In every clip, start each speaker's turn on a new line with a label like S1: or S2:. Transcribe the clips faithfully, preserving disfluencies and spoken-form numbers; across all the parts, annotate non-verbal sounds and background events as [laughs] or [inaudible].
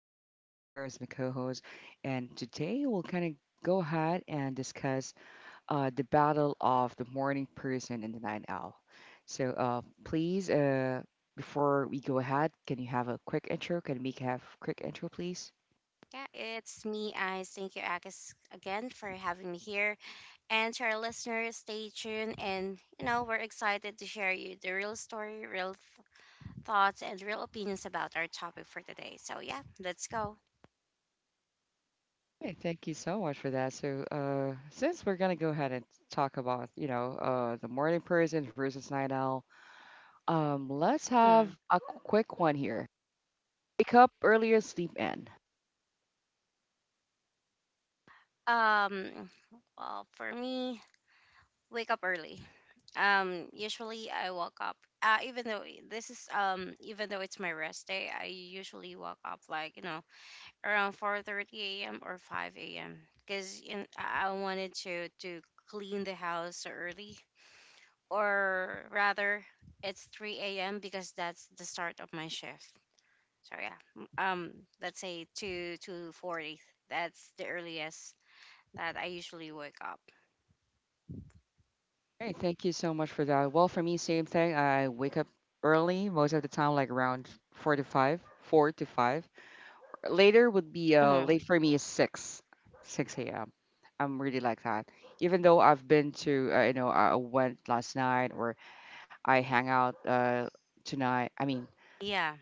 S1: and I've got Eyes here as my co-host. And today we'll kind of go ahead and discuss uh, the battle of the morning person and the night owl. So uh, please, uh, before we go ahead, can you have a quick intro? Can Mika have a quick intro, please?
S2: Yeah, it's me, Eyes. Thank you, Agus, again for having me here. And, to our listeners, stay tuned. And, you know, we're excited to share you the real story, real th- thoughts, and real opinions about our topic for today. So, yeah, let's go.
S1: Hey, thank you so much for that. So, uh, since we're gonna go ahead and talk about, you know, uh, the morning person versus night owl. Um, let's
S2: Hmm.
S1: have a quick one here. Wake up earlier, sleep in.
S2: Um, well, for me, wake up early. Um, usually I woke up. Uh, even though this is um, even though it's my rest day, I usually woke up like you know around four thirty a m or five a m because I I wanted to to clean the house early, or rather, it's three a m because that's the start of my shift. So yeah, m- um, let's say two two forty. That's the earliest that I usually wake up.
S1: Hey, thank you so much for that. Well, for me, same thing. I wake up early most of the time, like around four to five, four to five. Later would be uh late
S2: Mhm.
S1: for me is six, six a m. I'm really like that. Even though I've been to, uh, you know, I went last night or I hang out uh tonight. I mean,
S2: Yeah,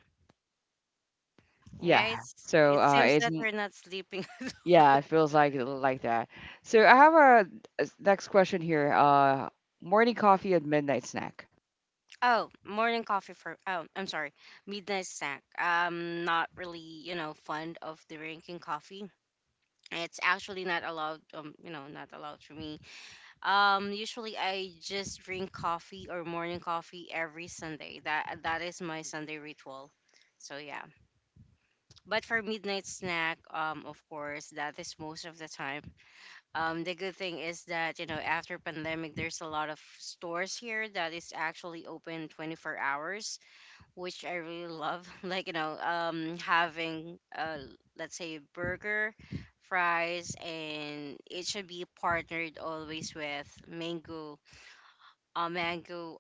S2: yeah.
S1: yeah.
S2: It's
S1: So
S2: it
S1: uh,
S2: seems
S1: it's
S2: that we're not sleeping. [laughs]
S1: Yeah, it feels like uh, like that. So I have a, a s- next question here. Uh, morning coffee and midnight snack.
S2: Oh, morning coffee for oh, I'm sorry, midnight snack. I'm not really you know fond of drinking coffee. It's actually not allowed, um you know not allowed for me. um usually I just drink coffee or morning coffee every Sunday. That that is my Sunday ritual, so yeah. But for midnight snack, um of course, that is most of the time. um the good thing is that, you know, after pandemic, there's a lot of stores here that is actually open twenty-four hours, which I really love. [laughs] Like, you know, um, having, uh, let's say, burger, fries, and it should be partnered always with mango, a mango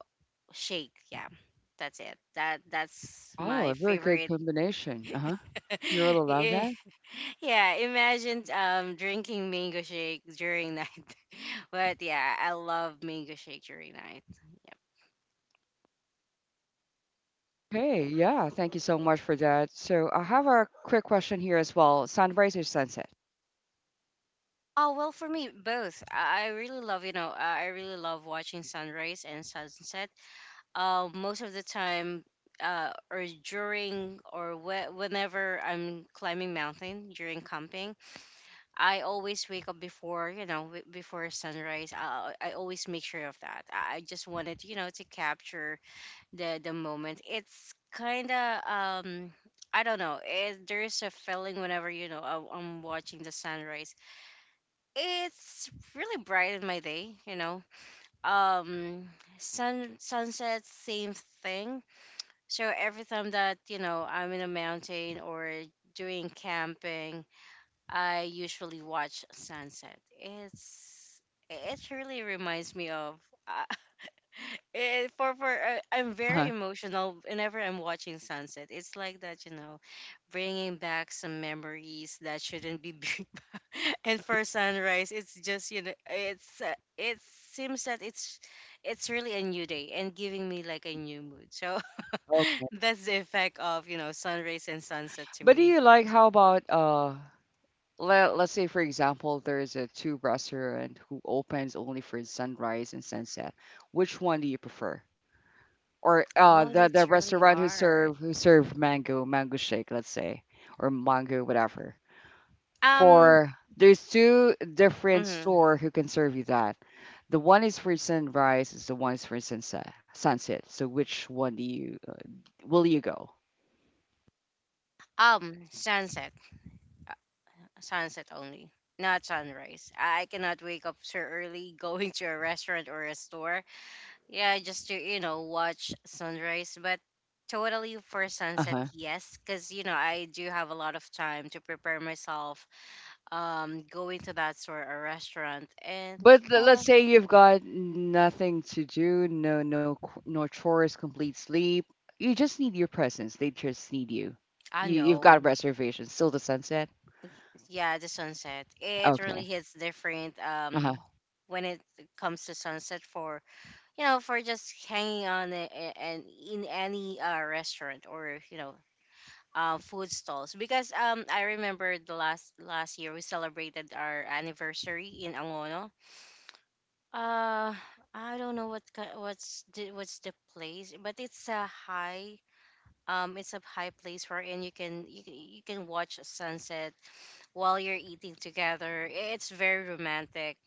S2: shake. Yeah, that's it. That that's
S1: Oh,
S2: my
S1: a very good
S2: favorite.
S1: combination. Uh-huh. You really
S2: [laughs]
S1: love
S2: Eh,
S1: that?
S2: yeah, imagine um drinking mango shake during night. [laughs] But yeah, I love mango shake during night. Yeah.
S1: Okay, yeah. Thank you so much for that. So I have a quick question here as well. Sunrise or sunset?
S2: Oh, well, for me, both. I I really love, you know, I I really love watching sunrise and sunset. Uh, most of the time, uh, or during or whe- whenever I'm climbing mountain during camping, I always wake up before, you know, w- before sunrise. I, I always make sure of that. I I just wanted, you know, to capture the the moment. It's kind of um. I don't know. It, there is a feeling whenever you know I, I'm watching the sunrise. It's really bright in my day, you know. Um, sun sunset, same thing. So every time that you know I'm in a mountain or doing camping, I usually watch sunset. It's it really reminds me of. I it, for for uh, I'm
S1: Uh-huh.
S2: very emotional whenever I'm watching sunset. It's like that, you know, bringing back some memories that shouldn't be [laughs] bring back. And for sunrise, it's just you know, it's uh, it seems that it's it's really a new day and giving me like a new mood. So
S1: Okay.
S2: [laughs] that's the effect of you know sunrise and sunset to
S1: But do
S2: me.
S1: you like how about uh let, let's say, for example, there's a two restaurant who opens only for sunrise and sunset. Which one do you prefer? Or uh,
S2: Oh,
S1: the the
S2: that's really
S1: restaurant who
S2: hard.
S1: serve who serve mango mango shake, let's say, or mango whatever.
S2: Um,
S1: For there's two different
S2: mhm.
S1: store who can serve you that. The one is for sunrise, is the one is for sunset. Sunset. So which one do you will you go?
S2: Um, sunset. Sunset only, not sunrise. I cannot wake up so early [laughs] going to a restaurant or a store. Yeah, just to, you know, watch sunrise. But totally for
S1: Uh
S2: sunset,
S1: huh.
S2: yes, because, you know, I do have a lot of time to prepare myself, um, going to that store or restaurant. And,
S1: But
S2: you
S1: le- let's
S2: know,
S1: say you've got nothing to do, no no c- no chores, complete sleep. You just need your presence. They just need you.
S2: I
S1: You you've got
S2: know.
S1: reservations. Still the sunset.
S2: Yeah, the sunset. It really
S1: Okay.
S2: hits different,
S1: Uh huh.
S2: um, when it comes to sunset for you know, for just hanging on a- a- and in any uh, restaurant or you know, uh, food stalls. Because um, I remember the last last year we celebrated our anniversary in Angono. Uh, I don't know what ki- what's the, what's the place, but it's a high um, it's a high place wherein you can you can you can watch a sunset while you're eating together. It's very romantic,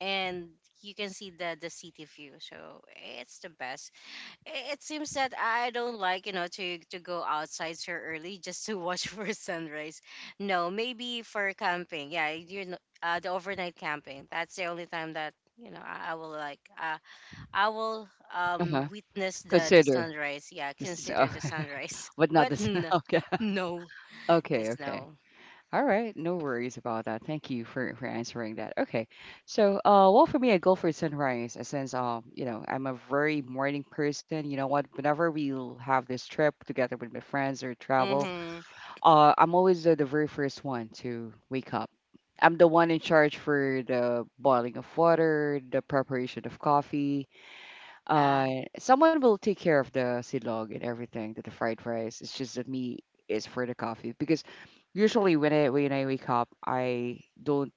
S2: and you can see the the city view. So it's the best. I- it seems that I don't like, you know, to to go outside so early just to watch [laughs] for sunrise. No, maybe for camping. Yeah, you know, uh, the overnight camping. That's the only time that you know I, I will like. Uh, I will
S1: Uh
S2: um
S1: huh.
S2: witness the the
S1: Consider.
S2: sunrise. Yeah,
S1: So,
S2: consider the sunrise.
S1: [laughs]
S2: [laughs]
S1: but not
S2: But
S1: this.
S2: n-
S1: [laughs] Okay.
S2: no,
S1: Okay.
S2: just
S1: Okay.
S2: no.
S1: All right. No worries about that. Thank you for, for answering that. Okay. So, uh, well, for me, I go for sunrise uh, since, um, you know, I'm a very morning person. You know what? Whenever we'll have this trip together with my friends or travel,
S2: Mm-hmm.
S1: uh, I'm always uh, the very first one to wake up. I'm the one in charge for the boiling of water, the preparation of coffee.
S2: Yeah.
S1: Uh someone will take care of the silog and everything, the, the fried rice. It's just that me is for the coffee because usually when i when i wake up I don't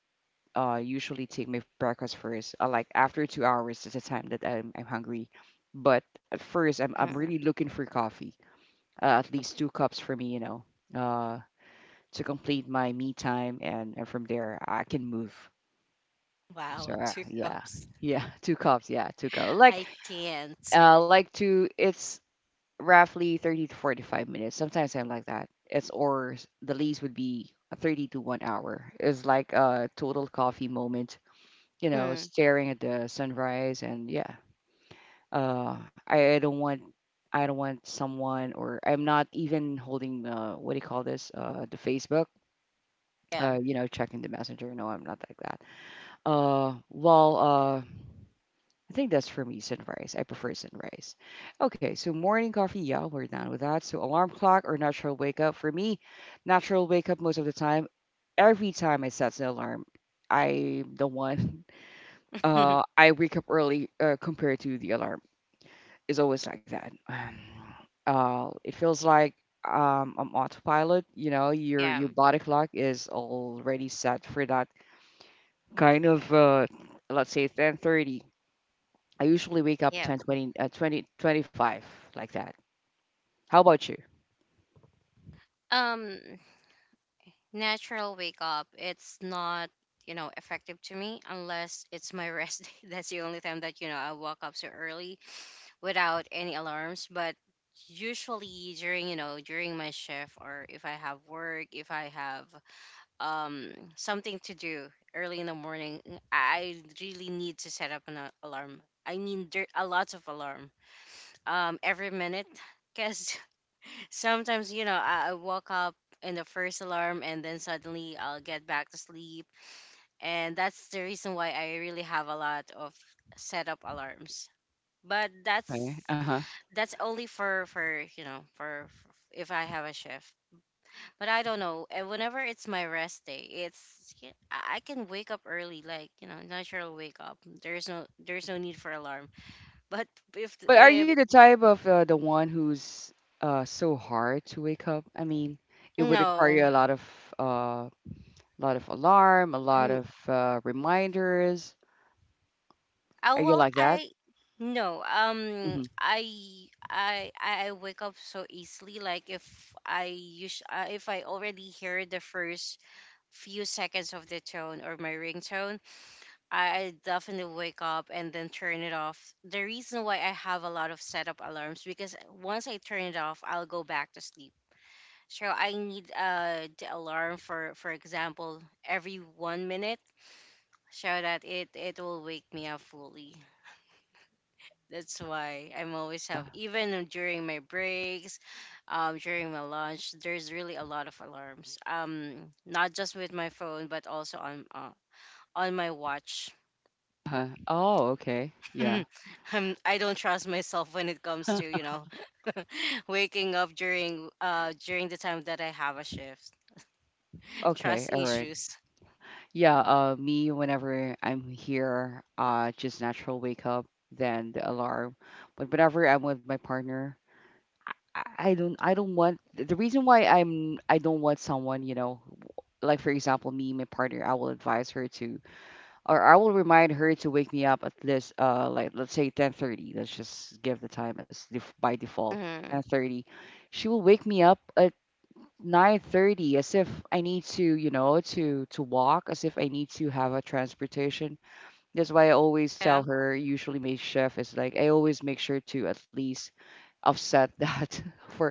S1: uh usually take my breakfast first, uh, like after two hours is the time that i'm, I'm hungry. But at first I'm, I'm really
S2: Mhm.
S1: looking for coffee, uh, at least two cups for me, you know, uh to complete my me time, and, and from there I can move.
S2: Wow,
S1: So uh,
S2: two
S1: yeah
S2: cups.
S1: yeah [laughs] two cups, yeah, two cups
S2: [laughs]
S1: like
S2: I can't.
S1: uh like two. It's roughly thirty to forty-five minutes. Sometimes I'm like that. It's or s- the least would be a thirty to one hour. It's like a total coffee moment, you know,
S2: Hmm.
S1: staring at the sunrise and yeah. Uh I, I don't want I don't want someone, or I'm not even holding uh what do you call this? Uh the Facebook.
S2: Yeah.
S1: Uh, you know, checking the messenger. No, I'm not like that. Uh, well, uh, I think that's for me sunrise. I prefer sunrise. Okay, so morning coffee, yeah, we're done with that. So alarm clock or natural wake up. For me, natural wake up most of the time. Every time I set the alarm, I'm the one. [laughs] Uh,
S2: [laughs]
S1: I wake up early uh, compared to the alarm. It's always like that. [sighs] Uh, it feels like um, I'm autopilot. You know, your
S2: Yeah.
S1: your body clock is already set for that kind of uh, let's say ten thirty. I usually wake up
S2: Yeah.
S1: ten, twenty, uh, twenty, twenty-five, like that. How about you?
S2: Um. Natural wake up, it's not you know effective to me unless it's my rest [laughs] day. That's the only time that you know I wake up so early without any alarms. But usually during you know during my shift, or if I have work, if I have um something to do early in the morning, mm, I really need to set up an a- alarm. I mean, there are lots of alarm, um every minute, [laughs] because sometimes you know I, I woke up in the first alarm, and then suddenly I'll get back to sleep, and that's the reason why I really have a lot of set up alarms. but that's
S1: Okay. Uh-huh.
S2: that's only for for you know for, for if I have a shift. But I don't know, and whenever it's my rest day, it's y- i I can wake up early like you know natural wake up. There's no, there's no need for alarm. But if
S1: But are
S2: if
S1: you the type of uh, the one who's uh, so hard to wake up? I mean, it would require
S2: no.
S1: a lot of uh, lot of alarm, a lot of uh, reminders.
S2: Oh
S1: Are you
S2: well,
S1: like that?
S2: I no. Um,
S1: Hmm
S2: I I I I wake up so easily. Like if I use uh, if I already hear the first few seconds of the tone or my ringtone, I, I definitely wake up and then turn it off. The reason why I have a lot of setup alarms, because once I turn it off, I'll go back to sleep. So I need uh the alarm for for example every one minute, so that it it will wake me up fully. That's why I'm always have, even during my breaks, um, during my lunch. There's really a lot of alarms. Um, not just with my phone, but also on uh, on my watch.
S1: Uh-huh. Oh, okay. Yeah.
S2: [laughs] I'm, I don't trust myself when it comes to you know [laughs] waking up during uh during the time that I have a shift. [laughs]
S1: Okay.
S2: Trust
S1: All right.
S2: issues.
S1: Yeah. Uh, me, whenever I'm here, uh, just natural wake up, then the alarm. But whenever I'm with my partner, I I don't I don't want. The reason why I'm I don't want someone, you know, like for example me my partner, I will advise her to or I will remind her to wake me up at least uh like let's say ten thirty. Let's just give the time as def- by default
S2: Hmm.
S1: ten thirty. She will wake me up at nine thirty as if I need to, you know, to to walk, as if I need to have a transportation. That's why I
S2: Yeah.
S1: always tell her usually my chef is like I always make sure to at least offset that [laughs] for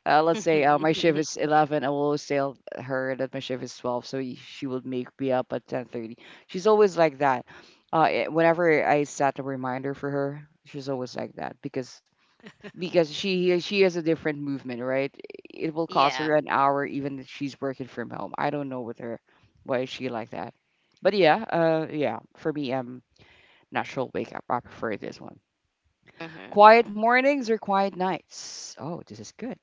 S1: uh, let's say, uh, my
S2: [laughs]
S1: shift is eleven. I will always tell her that my shift is twelve, so y- she would make me up at ten thirty. She's always like that. Uh, eh, whenever I set a reminder for her, she's always like that, because because she she has a different movement, right? It will cost her
S2: Yeah.
S1: an hour even if she's working from home. I don't know with her why is she like that. But yeah, uh yeah, for me, um natural wake up, I prefer this one.
S2: Hmm.
S1: Quiet
S2: Yeah.
S1: mornings or quiet nights, oh this is good.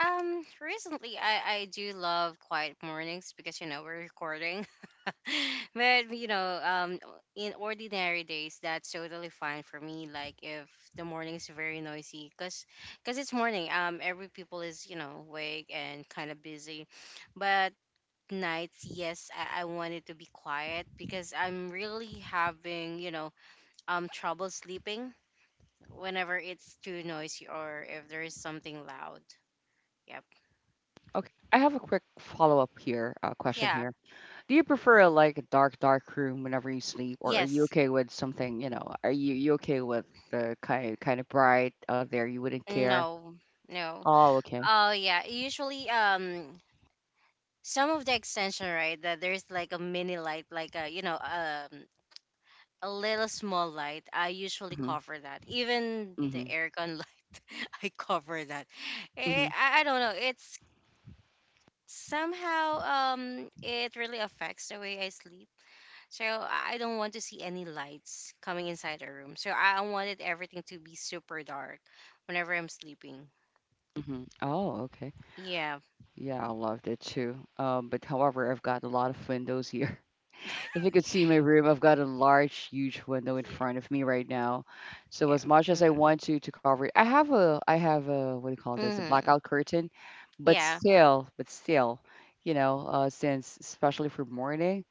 S2: Um, recently I I do love quiet mornings because you know we're recording, [laughs] but you know um in ordinary days, that's totally fine for me. Like if the morning is very noisy, because because it's morning, um every people is you know awake and kind of busy. But nights, yes, I, I want it to be quiet, because I'm really having you know um trouble sleeping whenever it's too noisy or if there is something loud. Yep.
S1: Okay, I have a quick follow-up here, uh, question
S2: Yeah.
S1: here. Do you prefer a, like a dark, dark room whenever you sleep, or are you
S2: Yes.
S1: okay with something, you know, are you you okay with the kind kind of bright out there? You wouldn't care.
S2: No. No.
S1: Oh, okay.
S2: Oh yeah, usually um some of the extension right, that there's like a mini light, like a you know um a little small light, I usually
S1: Mm-hmm.
S2: cover that, even the
S1: Mm-hmm.
S2: aircon [laughs] light. I cover that. Eh,
S1: Mm-hmm.
S2: I, I don't know, it's somehow um it really affects the way I sleep. So i I don't want to see any lights coming inside the room, so i I wanted everything to be super dark whenever I'm sleeping.
S1: Mm-hmm. Oh, okay.
S2: Yeah.
S1: Yeah, I loved it too. Um, but however, I've got a lot of windows [laughs] here. If you could see my room, I've got a large, huge window in
S2: Yeah,
S1: front of me right now. So
S2: yeah.
S1: as much as I
S2: Mm-hmm.
S1: want to to cover it, I have a I have a what do you call this? A blackout curtain, but
S2: Yeah.
S1: still, but still, you know, uh, since especially for morning,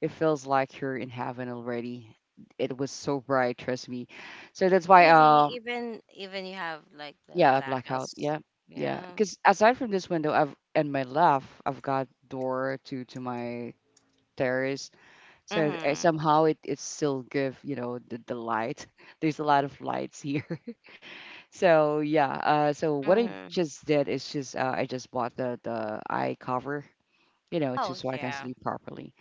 S1: it feels like you're in heaven already. It was so bright, trust me. So that's why,
S2: Really,
S1: um,
S2: even even you have like the
S1: yeah, blackout, yeah,
S2: blackouts.
S1: yeah.
S2: Yeah.
S1: Because aside from this window, I've and my left, I've got door to to my terrace, so uh,
S2: Mm-hmm.
S1: somehow it, it still give, you know, the, the light. [laughs] There's a lot of lights here. [laughs] So yeah, uh, so what I
S2: Mm-hmm.
S1: just did is just uh, I just bought the the eye cover, you know, to
S2: Oh
S1: so I can
S2: yeah.
S1: sleep properly.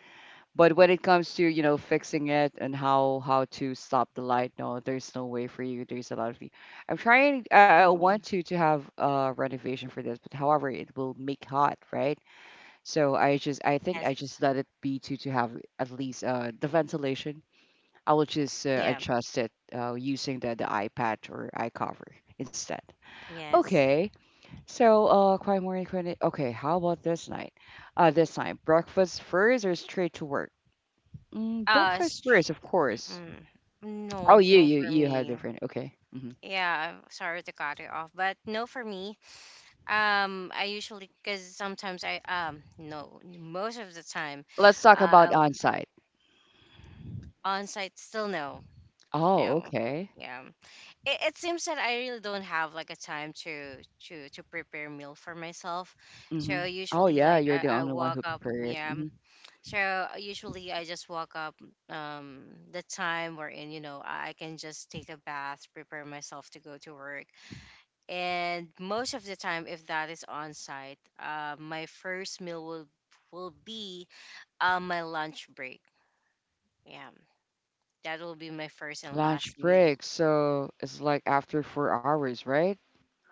S1: But when it comes to, you know, fixing it and how how to stop the light, no, there's no way for you. There's a lot of you. I'm trying I I
S2: Mm-hmm.
S1: want to to have a renovation for this, but however, it will make hot, right? So I just I think
S2: Yes.
S1: I just let it be to to have at least uh the ventilation. I will just
S2: Yeah.
S1: uh, adjust it uh, using the, the iPad or iCover instead.
S2: Yes.
S1: Okay, so uh, quiet morning, quiet. Okay, how about this night? Uh, this time, breakfast first or straight to work? Mm,
S2: Uh.
S1: breakfast
S2: str-
S1: first, of course.
S2: Mm.
S1: Oh,
S2: No.
S1: you
S2: No
S1: you
S2: for
S1: you have
S2: me.
S1: different. Okay, hmm
S2: Yeah. I'm sorry to cut it off, but no for me. Um. I usually, because sometimes I um no most of the time,
S1: let's talk
S2: uh,
S1: about
S2: I-
S1: on-site.
S2: on site still no.
S1: Oh,
S2: No.
S1: okay.
S2: Yeah. It, it seems that I really don't have like a time to to to prepare meal for myself.
S1: hmm
S2: So
S1: Oh
S2: usually
S1: yeah,
S2: like
S1: you're the
S2: I, I
S1: only one
S2: walk
S1: who
S2: up
S1: prepared it.
S2: yeah.
S1: Hmm
S2: So usually I just walk up um the time wherein, you know, I I can just take a bath, prepare myself to go to work. And most of the time if that is on site, uh, my first meal will will be uh, my lunch break. Yeah. That will be my first and
S1: Lunch
S2: last meal.
S1: break, so it's like after four hours, right?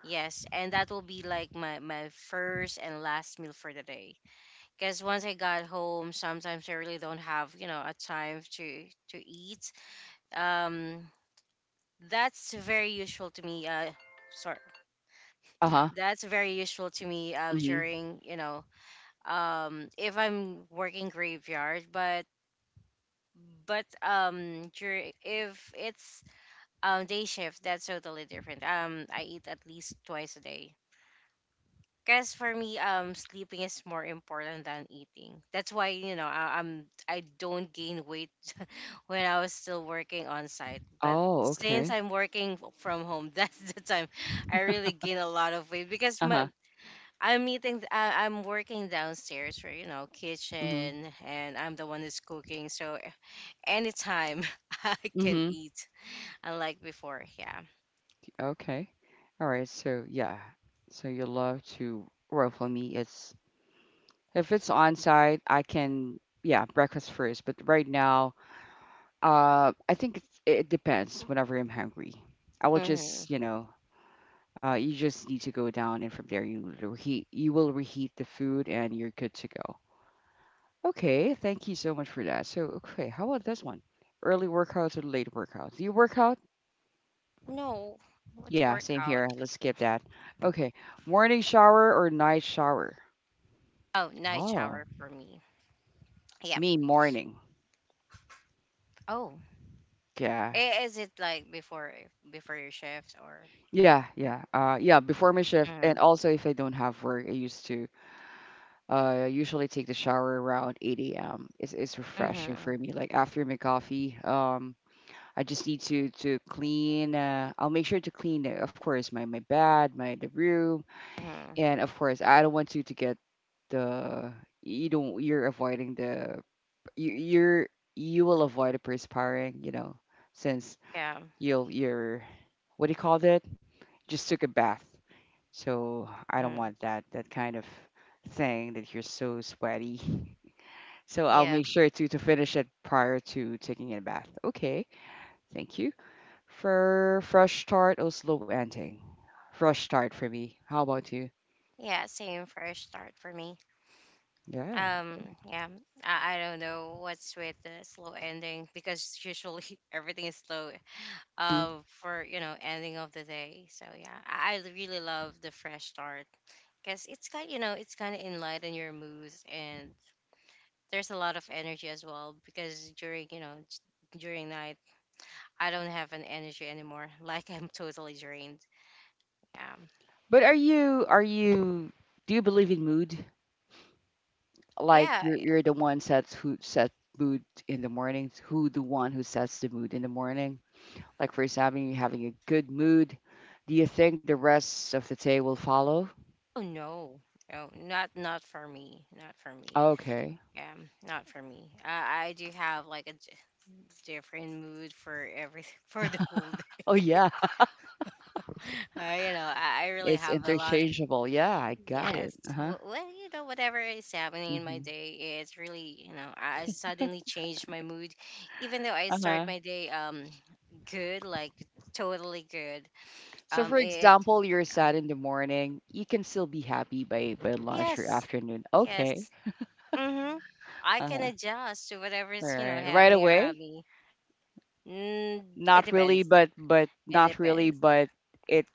S2: Yes, and that will be like my, my first and last meal for the day. Because once I got home, sometimes I really don't have, you know, a time to to eat. Um, that's very usual to me. Uh, sorry,
S1: Uh huh.
S2: that's very usual to me. Uh,
S1: hmm
S2: during you know, um, if I'm working graveyard, but but um, during, if it's um day shift, that's totally different. Um, I eat at least twice a day. Because for me, um, sleeping is more important than eating. That's why you know I, I'm I don't gain weight [laughs] when I was still working on site. But
S1: Oh,
S2: since
S1: okay.
S2: I'm working f- from home, [laughs] that's the time I really gain a lot of weight because
S1: Uh
S2: my, I'm eating. th- I, I'm working downstairs for you know
S1: huh.
S2: kitchen, and I'm the one who's cooking. So anytime [laughs] I can
S1: Mhm.
S2: eat, unlike before. Yeah.
S1: Okay. All right. So yeah. So you love to, well for me it's if it's on site I can yeah breakfast first. But right now, uh, I think it's, it depends. Whenever I'm hungry, I will
S2: Hmm.
S1: just you know. Uh, you just need to go down, and from there you will reheat. You will reheat the food, and you're good to go. Okay, thank you so much for that. So, okay, how about this one? Early workouts or late workouts? Do you work out?
S2: No, what's
S1: Yeah, same
S2: workout?
S1: here. Let's skip that. Okay. Morning shower or night shower?
S2: Oh, night
S1: Oh,
S2: shower for me. Yep.
S1: me morning.
S2: Oh,
S1: Yeah.
S2: i- is it like before eh, before your shift or?
S1: Yeah, yeah. Uh yeah, before my shift
S2: Mm-hmm.
S1: and also if I don't have work, I used to uh usually take the shower around eight a m. It's it's refreshing
S2: Mm-hmm.
S1: for me. Like after my coffee, um I just need to to clean uh I'll make sure to clean, uh, of course my my bed, my the room,
S2: Hmm.
S1: and of course I don't want to to get the you don't you're avoiding the you you're you will avoid it perspiring, you know, since
S2: Yeah.
S1: you'll you're what do you call it? Just took a bath. So I don't
S2: Hmm.
S1: want that that kind of thing that you're so sweaty. [laughs] So I'll
S2: Yeah.
S1: make sure to to finish it prior to taking a bath. Okay, thank you. For fresh start or slow ending? Fresh start for me. How about you?
S2: Yeah. Same fresh start for me.
S1: Yeah.
S2: Um. Yeah. I, I don't know what's with the slow ending because usually [laughs] everything is slow.
S1: Mm.
S2: Uh, for you know ending of the day. So yeah, I, I really love the fresh start because it's kind you know it's kind of enlighten your moods, and there's a lot of energy as well because during you know during night I don't have an energy anymore. [laughs] Like I'm totally drained. Um,
S1: But are you are you do you believe in mood? Like
S2: yeah.
S1: you're
S2: I-
S1: you're the one sets who set mood in the morning, who the one who sets the mood in the morning. Like for example, you having a good mood. Do you think the rest of the day will follow?
S2: Oh no, no, not not for me. Not for me.
S1: Okay.
S2: Um, not for me. Uh, I do have like a d- different mood for every [laughs] for the whole day.
S1: Oh yeah, [laughs]
S2: [laughs] Uh, you know, I, I really
S1: it's
S2: have a lot of
S1: interchangeable. Yeah, I got it.
S2: yes.
S1: Uh-huh.
S2: Well, you know, whatever is happening in my
S1: hmm
S2: day, it's really you know, I I suddenly change my mood, even though I start
S1: Uh-huh.
S2: my day um good, like totally good.
S1: So
S2: Um,
S1: for
S2: it
S1: example, you're
S2: Yeah.
S1: sad in the morning, you can still be happy by by lunch or
S2: Yes,
S1: afternoon. Okay.
S2: yes. Mm-hmm. I can
S1: Uh-huh.
S2: adjust to whatever
S1: All
S2: is, you know,
S1: right. Right
S2: happening
S1: away?
S2: around me. Mm, it
S1: Not really,
S2: depends.
S1: but but
S2: It
S1: not really,
S2: depends.
S1: but it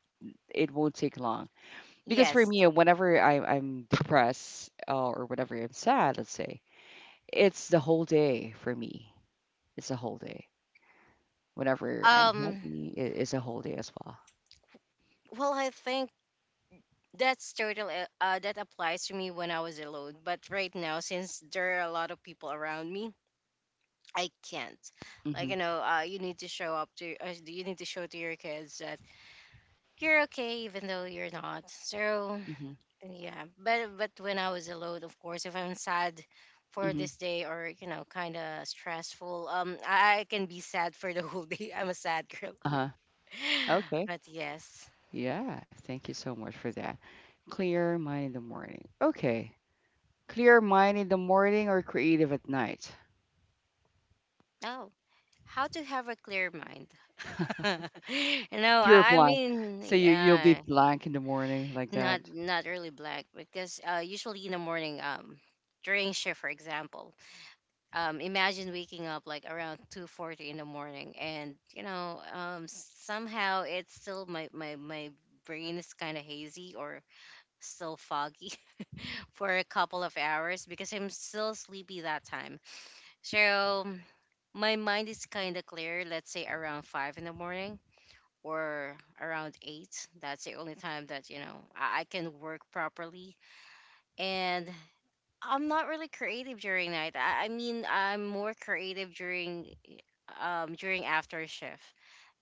S1: it won't take long. Because for
S2: Yes.
S1: me, whenever I, I'm depressed uh, or whenever I'm sad, let's say, it's the whole day for me. It's a whole day. Whenever I'm
S2: Um.
S1: happy, it, it's a whole day as well.
S2: Well, I think that's total. Uh, uh, that applies to me when I was alone. But right now, since there are a lot of people around me, I can't. Like
S1: Mm-hmm.
S2: you know, uh, you need to show up to. Uh, you need to show to your kids that you're okay, even though you're not. So
S1: Mm-hmm.
S2: yeah, but but when I was alone, of course, if I'm sad for
S1: Mm-hmm.
S2: this day or you know, kind of stressful, um, I, I can be sad for the whole day. [laughs] I'm a sad girl.
S1: Uh-huh.
S2: [laughs]
S1: Okay.
S2: But yes.
S1: Yeah. Thank you so much for that. Clear mind in the morning. Okay. Clear mind in the morning or creative at night?
S2: Oh, how to have a clear mind. [laughs] No,
S1: Pure
S2: I, I
S1: blank.
S2: mean,
S1: So you, you'll be
S2: yeah,
S1: blank in the morning like that.
S2: not not really black because uh, usually in the morning, um, during shift, for example. Um, imagine waking up like around two forty in the morning, and you know um, somehow it's still my, my, my brain is kind of hazy or still foggy [laughs] for a couple of hours because I'm still sleepy that time. So my mind is kind of clear, let's say, around five in the morning or around eight. That's the only time that you know i, I can work properly. And I'm not really creative during night. I, I mean, I'm more creative during um during after shift.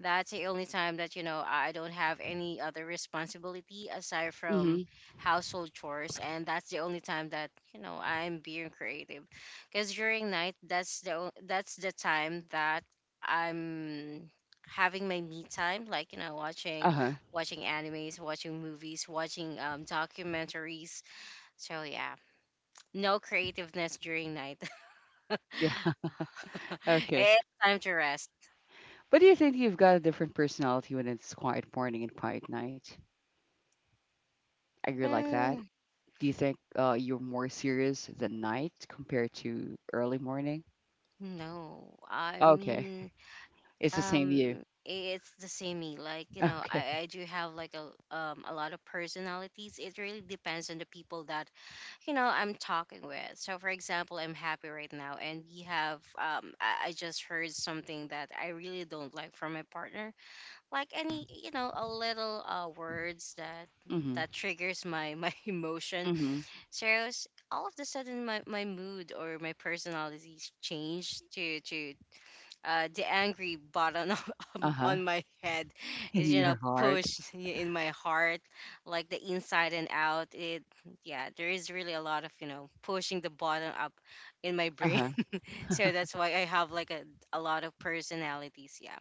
S2: That's the only time that you know I don't have any other responsibility aside from
S1: Mm-hmm.
S2: household chores, and that's the only time that you know I'm being creative. Because during night, that's the o- that's the time that I'm having my me time, like you know watching
S1: Uh-huh.
S2: watching animes, watching movies, watching um documentaries. So yeah. No creativeness during night.
S1: Yeah. [laughs]
S2: [laughs]
S1: Okay.
S2: It's time to rest.
S1: But do you think you've got a different personality when it's quiet morning and quiet night? I really like that?
S2: Mm,
S1: Do you think uh, you're more serious than night compared to early morning?
S2: no, I
S1: Okay,
S2: mean,
S1: it's the same you.
S2: um,
S1: [laughs]
S2: it's the same me. Like you know, I,
S1: Okay.
S2: I do have like a um a lot of personalities. It really depends on the people that you know I'm talking with. So, for example, I'm happy right now, and we have um I, I just heard something that I really don't like from my partner. Like any you know a little uh words that
S1: Mhm.
S2: that triggers my [laughs] my emotion.
S1: Mhm.
S2: So s- all of the sudden, my, my mood or my personalities changed to to uh, the angry button [laughs] on,
S1: Uh huh.
S2: on my head
S1: [laughs] In
S2: is you know
S1: your heart.
S2: pushed [laughs] in my heart, like the inside and out. It Yeah, there is really a lot of you know pushing the button up in my
S1: Uh
S2: brain.
S1: huh.
S2: [laughs] So that's why I have like a a lot of personalities. Yeah.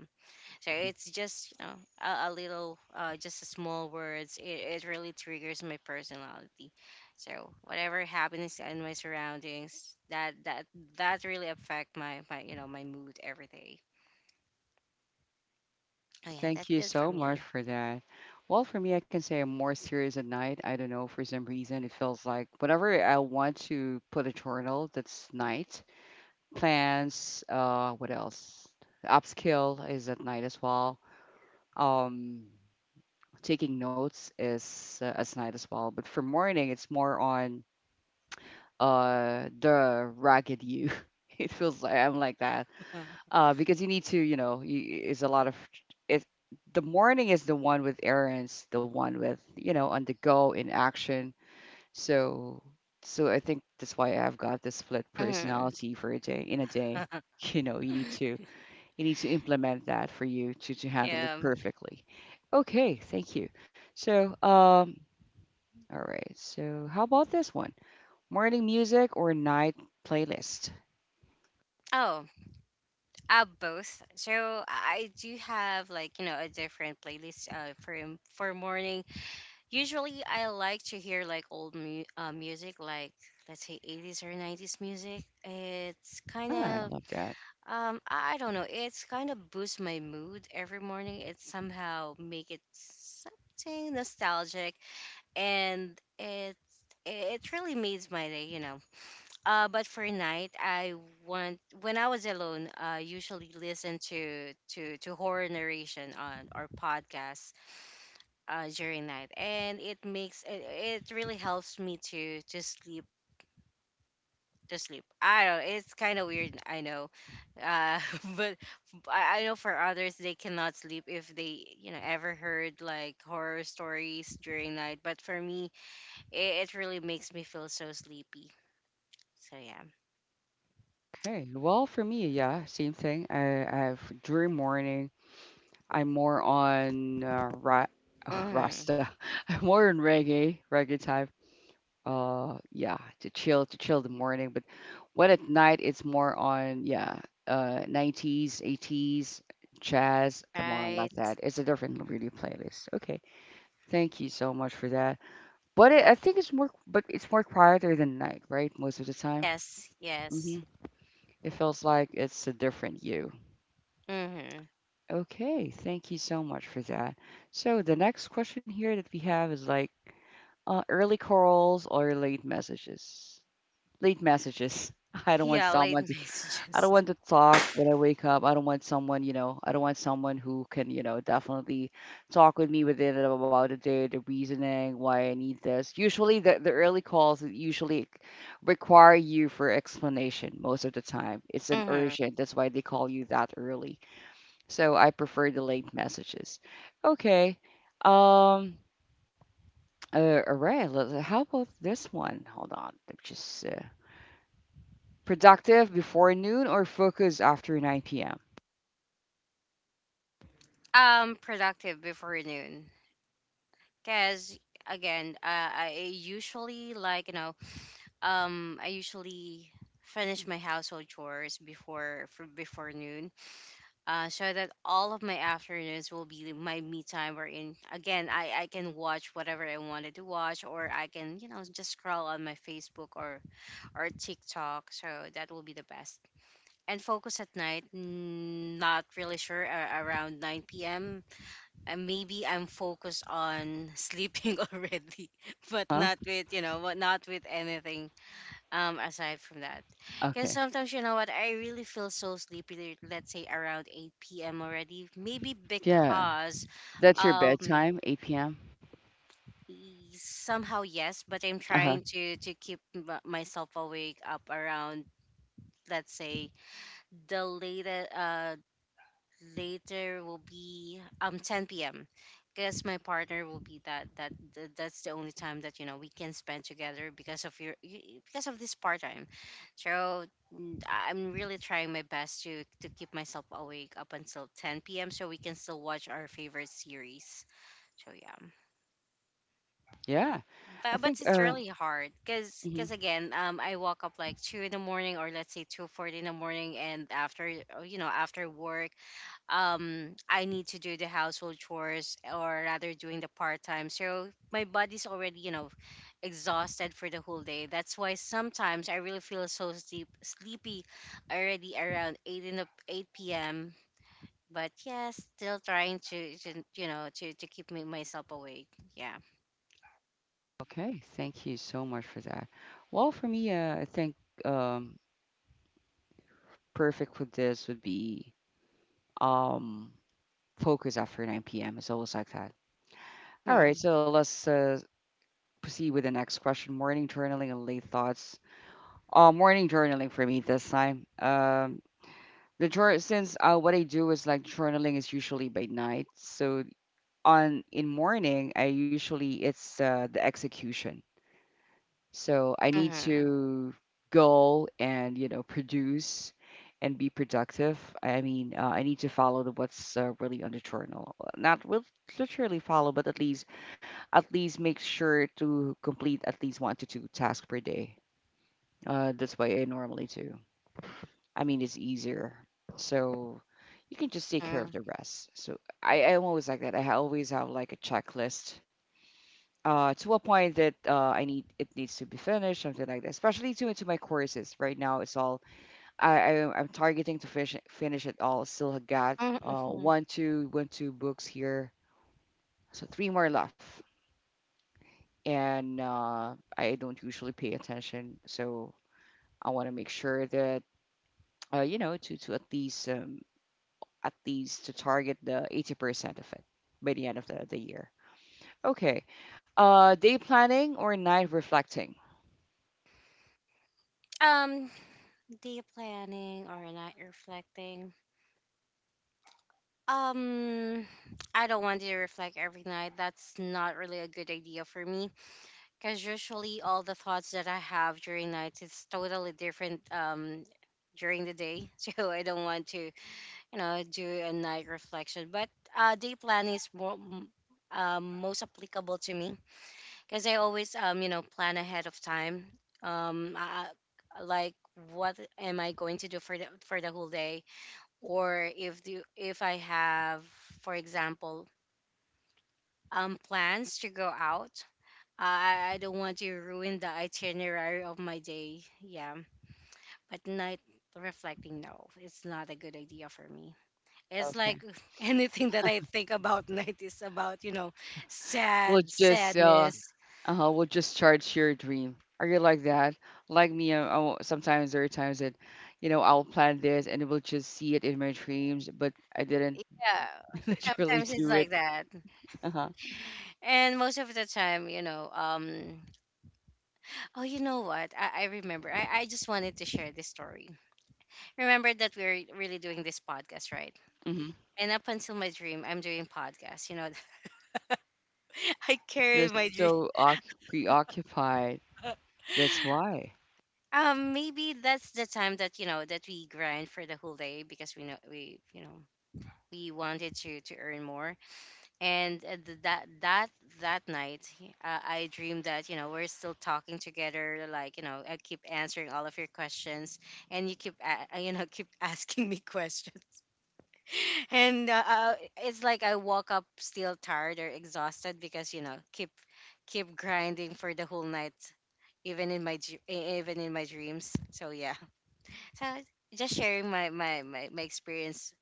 S2: So it's just you know a, a little, uh, just a small words. It, it really triggers my personality. So whatever happens in my surroundings, that that that really affect my my you know my mood every day. Oh yeah,
S1: Thank
S2: that's
S1: you
S2: it for
S1: so much
S2: me.
S1: for that. Well, for me, I can say I'm more serious at night. I don't know, for some reason, it feels like whenever I want to put a journal, that's night. Plans. Uh, what else? Upskill is at night as well. Um, taking notes is uh, at night as well. But for morning, it's more on uh the ragged you. [laughs] It feels like I'm like that.
S2: [laughs]
S1: Uh, because you need to, you know, you, it's a lot of. It, the morning is the one with errands, the one with you know on the go in action. So, so I think that's why I've got this split
S2: Mhm.
S1: personality for a day in a day.
S2: [laughs]
S1: [laughs] You know, you need to you need to implement that for you to, to handle it
S2: Um.
S1: perfectly. Okay, thank you. So, um, all right. So, how about this one? Morning music or night playlist?
S2: Oh, uh, both. So I I do have like you know a different playlist uh, for m- for morning. Usually, I like to hear like old mu- uh, music, like let's say eighties or nineties music. It's kind
S1: Ah, I
S2: of,
S1: love that.
S2: um, I I don't know, it's kind of boosts my mood every morning. It somehow make it something nostalgic, and it it really makes my day, you know. Uh, but for night, I want when I was alone, I usually listen to to to horror narration on or podcasts uh, during night, and it makes it, it really helps me to to sleep to sleep. I don't. It's kind of weird. I know, uh, [laughs] but I, I know for others they cannot sleep if they you know ever heard like horror stories during night. But for me, it, it really makes me feel so sleepy. So yeah.
S1: Okay. Well, for me, yeah, same thing. I, I have during morning, I'm more on uh, ra- [laughs]
S2: Mm-hmm.
S1: Rasta. [laughs] I'm more on reggae, reggae type uh yeah to chill to chill the morning, but what at night it's more on yeah uh nineties eighties jazz and more on
S2: Right.
S1: like that. It's a different really playlist. Okay, thank you so much for that. But it, I think it's more but it's more quieter than night, right, most of the time.
S2: Yes. Yes.
S1: Hmm It feels like it's a different you.
S2: Mm-hmm.
S1: Okay, thank you so much for that. So the next question here that we have is like uh, early calls or late messages. Late messages. [laughs] I don't want
S2: Yeah. Late [laughs]
S1: someone to I don't
S2: messages.
S1: want to talk when I wake up. I don't want someone, you know, I don't want someone who can, you know, definitely talk with me within and about the day, the reasoning, why I need this. Usually the, the early calls usually require you for explanation most of the time. It's an
S2: Mm-hmm.
S1: urgent. That's why they call you that early. So I prefer the late messages. Okay. Um uh, all right. let- How about this one? Hold on. Let me just. Uh, Productive before noon or focus after nine p m?
S2: Um, productive before noon. Because again, uh, I usually like you know, um, I usually finish my household chores before for, before noon, uh, so that all of my afternoons will be my me time. Wherein again, I I can watch whatever I wanted to watch, or I can you know just scroll on my Facebook or or TikTok. So that will be the best. And focus at night, mm, not really sure uh, around nine p.m uh, maybe I'm focused on sleeping [laughs] already, but
S1: Huh?
S2: not with you know, but not with anything um aside from that. Because
S1: Okay.
S2: sometimes you know what, I really feel so sleepy. Let's say around eight p m already, maybe
S1: Yeah.
S2: because
S1: That's your
S2: um
S1: bedtime, eight p m.
S2: y- somehow yes, but I'm
S1: Uh huh.
S2: trying to to keep m- myself awake up around, let's say, the latest uh later will be um ten p m because my partner will be that that th- that's the only time that you know we can spend together because of your y- because of this part time. So mm, I'm really trying my best to to keep myself awake up until ten p m so we can still watch our favorite series. So yeah.
S1: Yeah. I
S2: But, but
S1: think.
S2: it's
S1: Uh.
S2: really hard because
S1: hmm
S2: because again, um I woke up like two in the morning, or let's say two forty in the morning. And after uh, you know after work, um I need to do the household chores, or rather doing the part time. So my body's already, you know, exhausted for the whole day. That's why sometimes I really feel so sleep sleepy already around eight in the eight p m. But yeah, still trying to, to you know to, to keep me myself awake. Yeah.
S1: Okay. Thank you so much for that. Well, for me, uh, I think um, perfect for this would be um focus after nine p m. It's always like that. All right.
S2: Mm-hmm.
S1: So let's uh, proceed with the next question. Morning journaling and late thoughts. Uh, morning journaling for me this time. Um, The jour since uh, what I do is like, journaling is usually by night. So on in morning, I usually it's uh, the execution. So I need
S2: Mm-hmm.
S1: to go and you know produce and be productive. I mean, uh, I need to follow the, what's uh, really on the journal. Not will literally follow, but at least at least make sure to complete at least one to two tasks per day. Uh, that's what I normally do. I mean, it's easier. So you can just take care of
S2: Mm-hmm.
S1: the rest. So I, I'm always like that. I ha- always have like a checklist uh, to a point that uh, I need it needs to be finished, something like that. Especially to into my courses right now. It's all I, I I'm targeting to finish finish it all. Still got uh,
S2: Mm-hmm.
S1: one two one two books here, so three more left. And uh, I don't usually pay attention, so I want to make sure that uh, you know to to at least um, at least to target the eighty percent of it by the end of the, the year. Okay. Uh, day planning or night reflecting?
S2: Um, Day planning or not reflecting. Um, I don't want to reflect every night. That's not really a good idea for me because usually all the thoughts that I have during nights is totally different um during the day. [laughs] So I don't want to, you know, do a night reflection. But uh, day plan is more m- um most applicable to me because I always um you know plan ahead of time. Um, I, I- like what am I going to do for the for the whole day? Or if the if I have, for example, um plans to go out, I I don't want to ruin the itinerary of my day. Yeah, but night reflecting, no, it's not a good idea for me. It's like
S1: Okay.
S2: [laughs] anything that I think about [laughs] night is about you know,
S1: We'll
S2: sad
S1: just uh,
S2: sadness.
S1: uh we'll just charge your dream. Are you like that? Like me, I, I sometimes, there are times that, you know, I'll plan this and we'll just see it in my dreams, but I didn't
S2: Yeah,
S1: [laughs] literally
S2: sometimes it's
S1: do it.
S2: like that,
S1: Uh huh.
S2: and most of the time, you know, um, oh, you know what? I, I remember. I I just wanted to share this story. Remember that we're really doing this podcast, right?
S1: hmm
S2: And up until my dream, I'm doing podcast. You know, [laughs] I
S1: You're
S2: carry my dream.
S1: so oc- preoccupied.
S2: [laughs]
S1: That's why.
S2: Um, maybe that's the time that you know that we grind for the whole day because we know we you know we wanted to to earn more. And uh, th- that that that night, uh, I dreamed that you know we're still talking together. Like you know, I keep answering all of your questions, and you keep a- [laughs] uh, you know keep asking me [laughs] questions. [laughs] And uh, uh, it's like I woke up still tired or exhausted because you know keep keep grinding for the whole night, even in my dr- e- even in my dreams. So yeah, so just sharing my my my, my experience